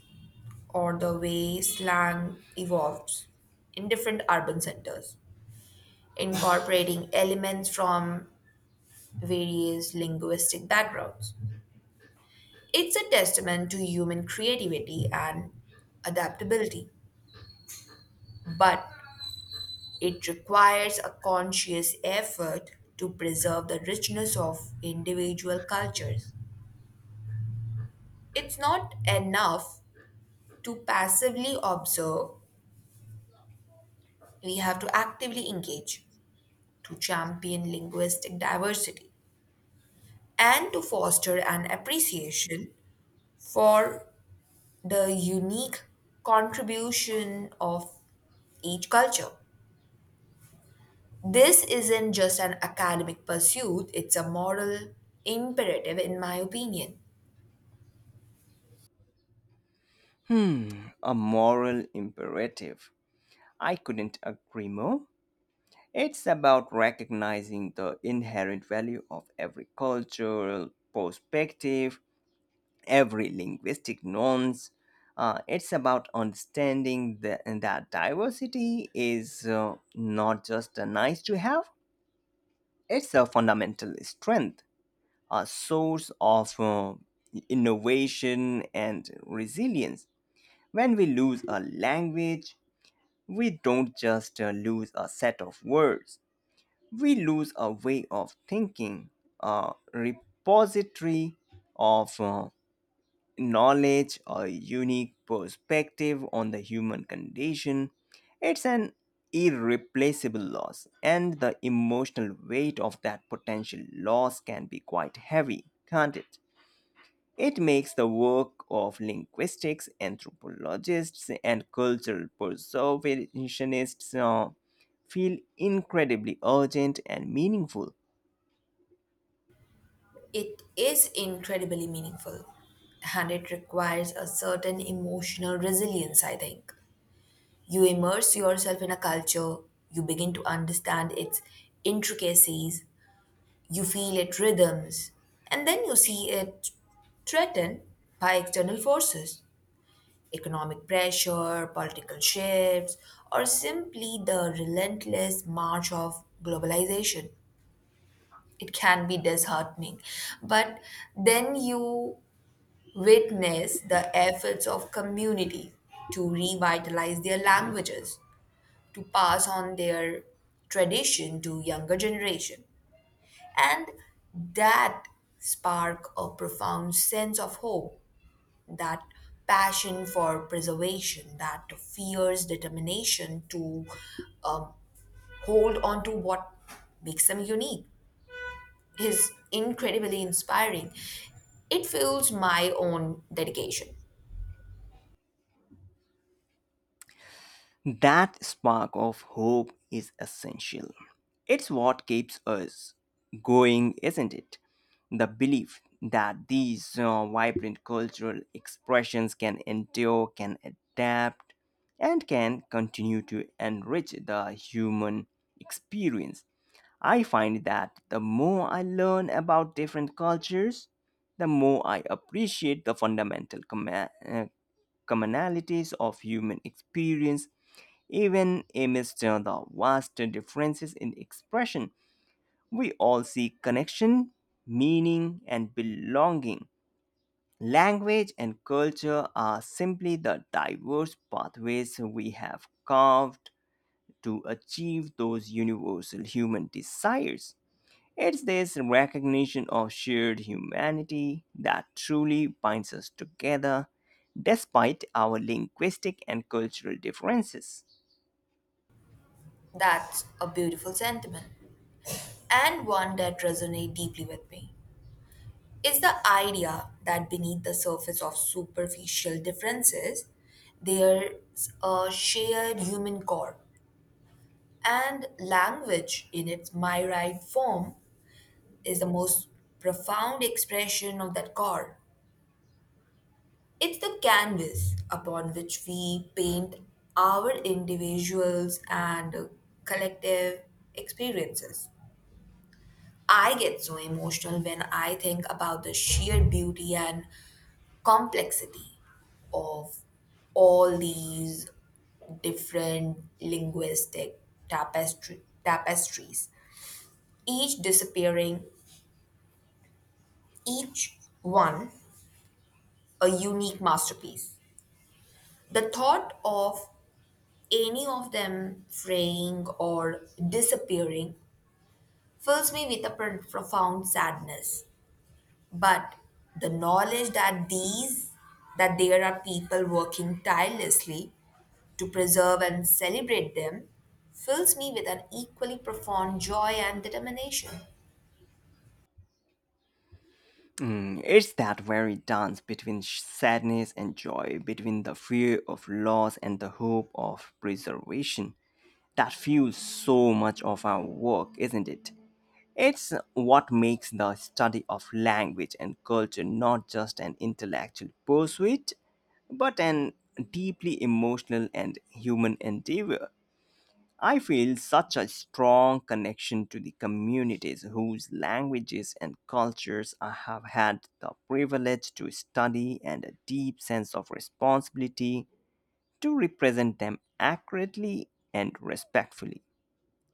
or the way slang evolves in different urban centers, incorporating elements from various linguistic backgrounds. It's a testament to human creativity and adaptability. But it requires a conscious effort to preserve the richness of individual cultures. It's not enough to passively observe, we have to actively engage, to champion linguistic diversity, and to foster an appreciation for the unique contribution of each culture. This isn't just an academic pursuit, it's a moral imperative, in my opinion. Hmm, a moral imperative. I couldn't agree more. It's about recognizing the inherent value of every cultural perspective, every linguistic nuance. Uh, it's about understanding the, that diversity is uh, not just a nice to have, it's a fundamental strength, a source of uh, innovation and resilience. When we lose a language, we don't just uh, lose a set of words, we lose a way of thinking, a repository of uh, knowledge, a unique perspective on the human condition. It's an irreplaceable loss, and the emotional weight of that potential loss can be quite heavy, can't it? It makes the work of linguistics, anthropologists, and cultural preservationists uh, feel incredibly urgent and meaningful. It is incredibly meaningful, and it requires a certain emotional resilience, I think. You immerse yourself in a culture, you begin to understand its intricacies, you feel its rhythms, and then you see it threatened by external forces, economic pressure, political shifts, or simply the relentless march of globalization. It can be disheartening, but then you witness the efforts of communities to revitalize their languages, to pass on their tradition to younger generation. And that spark a profound sense of hope, that passion for preservation, that fierce determination to um, hold on to what makes them unique is incredibly inspiring. It fuels my own dedication. That spark of hope is essential. It's what keeps us going, isn't it? The belief that these uh, vibrant cultural expressions can endure, can adapt, and can continue to enrich the human experience. I find that the more I learn about different cultures, the more I appreciate the fundamental comma- uh, commonalities of human experience, even amidst the vast differences in expression. We all seek connection, meaning, and belonging. Language and culture are simply the diverse pathways we have carved to achieve those universal human desires. It's this recognition of shared humanity that truly binds us together despite our linguistic and cultural differences. That's a beautiful sentiment and one that resonates deeply with me. It's the idea that beneath the surface of superficial differences, there's a shared human core, and language in its myriad form is the most profound expression of that core. It's the canvas upon which we paint our individuals and collective experiences. I get so emotional when I think about the sheer beauty and complexity of all these different linguistic tapestry, tapestries, each disappearing, each one a unique masterpiece. The thought of any of them fraying or disappearing fills me with a pr- profound sadness. But the knowledge that these that there are people working tirelessly to preserve and celebrate them fills me with an equally profound joy and determination. Mm, it's that very dance between sh- sadness and joy, between the fear of loss and the hope of preservation, that fuels so much of our work, isn't it? It's what makes the study of language and culture not just an intellectual pursuit, but an deeply emotional and human endeavor. I feel such a strong connection to the communities whose languages and cultures I have had the privilege to study, and a deep sense of responsibility to represent them accurately and respectfully.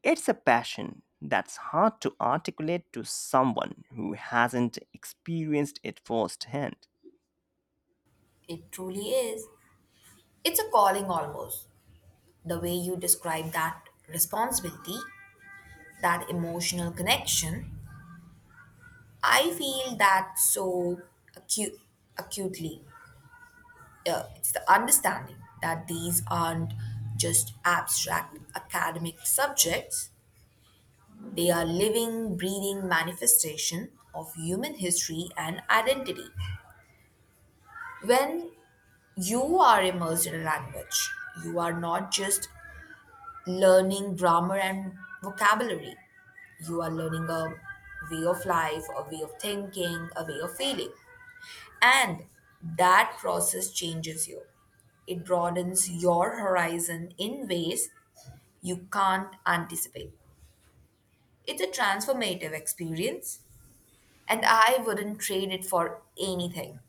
It's a passion that's hard to articulate to someone who hasn't experienced it firsthand. It truly is. It's a calling almost. The way you describe that responsibility, that emotional connection, I feel that so acu- acutely. Uh, it's the understanding that these aren't just abstract academic subjects, they are living breathing manifestation of human history and identity. When you are immersed in a language, you are not just learning grammar and vocabulary. You are learning a way of life, a way of thinking, a way of feeling. And that process changes you. It broadens your horizon in ways you can't anticipate. It's a transformative experience, and I wouldn't trade it for anything.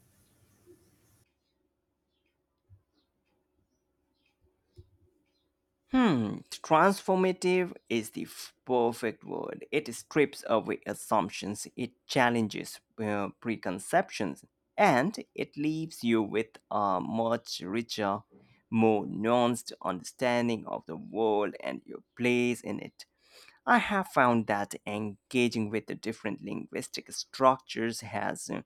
Hmm, transformative is the f- perfect word. It strips away assumptions, it challenges uh, preconceptions, and it leaves you with a much richer, more nuanced understanding of the world and your place in it. I have found that engaging with the different linguistic structures has uh,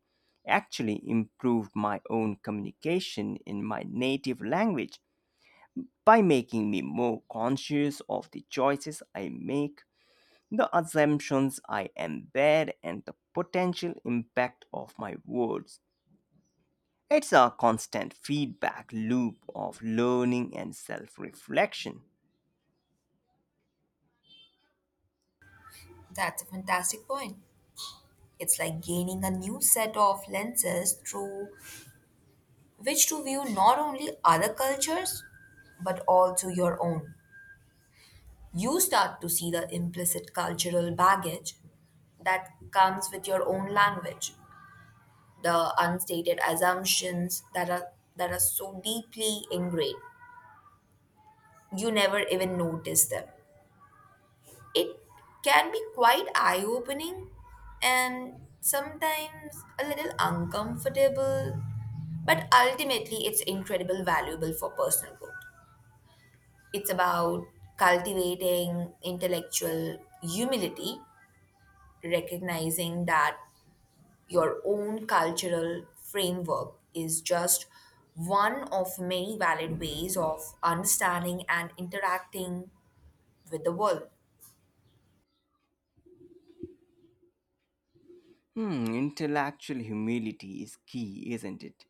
actually improved my own communication in my native language by making me more conscious of the choices I make, the assumptions I embed, and the potential impact of my words. It's a constant feedback loop of learning and self reflection. That's a fantastic point. It's like gaining a new set of lenses through which to view not only other cultures but also your own. You start to see the implicit cultural baggage that comes with your own language, the unstated assumptions that are that are so deeply ingrained. You never even notice them. It can be quite eye-opening and sometimes a little uncomfortable, but ultimately it's incredible valuable for personal growth. It's about cultivating intellectual humility, recognizing that your own cultural framework is just one of many valid ways of understanding and interacting with the world. Hmm, intellectual humility is key, isn't it?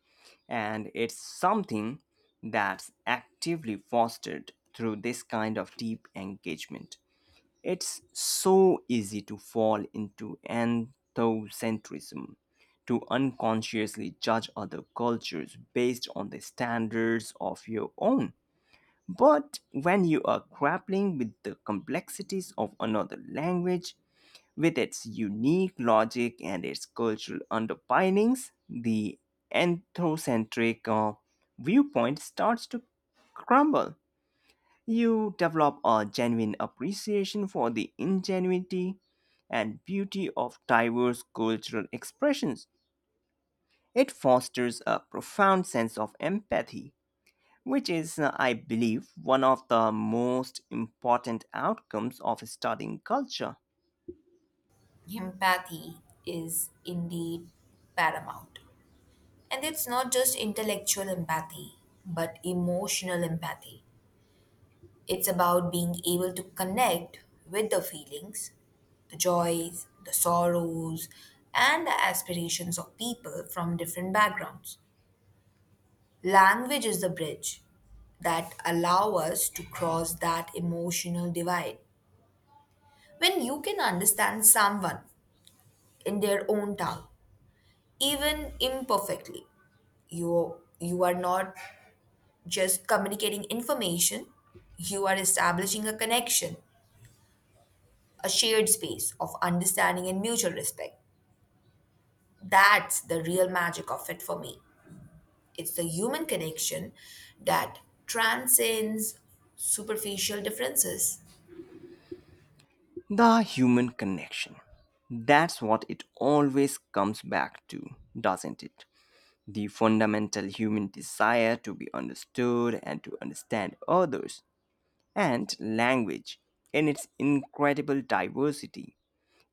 And it's something that's actively fostered through this kind of deep engagement. It's so easy to fall into anthocentrism, to unconsciously judge other cultures based on the standards of your own. But when you are grappling with the complexities of another language, with its unique logic and its cultural underpinnings, the anthrocentric uh, viewpoint starts to crumble. You develop a genuine appreciation for the ingenuity and beauty of diverse cultural expressions. It fosters a profound sense of empathy, which is, uh, I believe, one of the most important outcomes of studying culture. Empathy is indeed paramount. And it's not just intellectual empathy, but emotional empathy. It's about being able to connect with the feelings, the joys, the sorrows, and the aspirations of people from different backgrounds. Language is the bridge that allow us to cross that emotional divide. When you can understand someone in their own tongue, even imperfectly, you you are not just communicating information, you are establishing a connection, a shared space of understanding and mutual respect. That's the real magic of it for me. It's the human connection that transcends superficial differences. The human connection. That's what it always comes back to, doesn't it? The fundamental human desire to be understood and to understand others, and language in its incredible diversity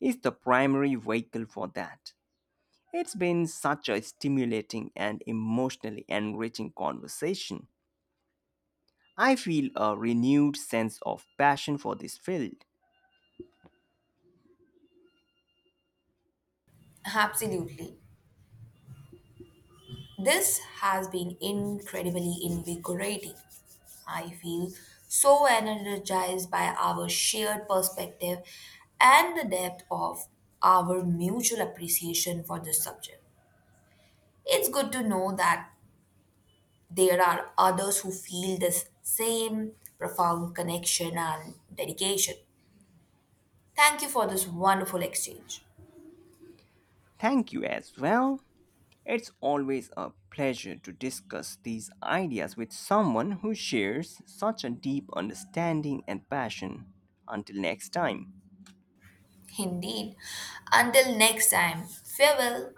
is the primary vehicle for that. It's been such a stimulating and emotionally enriching conversation. I feel a renewed sense of passion for this field. Absolutely. This has been incredibly invigorating. I feel so energized by our shared perspective and the depth of our mutual appreciation for this subject. It's good to know that there are others who feel this same profound connection and dedication. Thank you for this wonderful exchange. Thank you as well. It's always a pleasure to discuss these ideas with someone who shares such a deep understanding and passion. Until next time. Indeed. Until next time, farewell.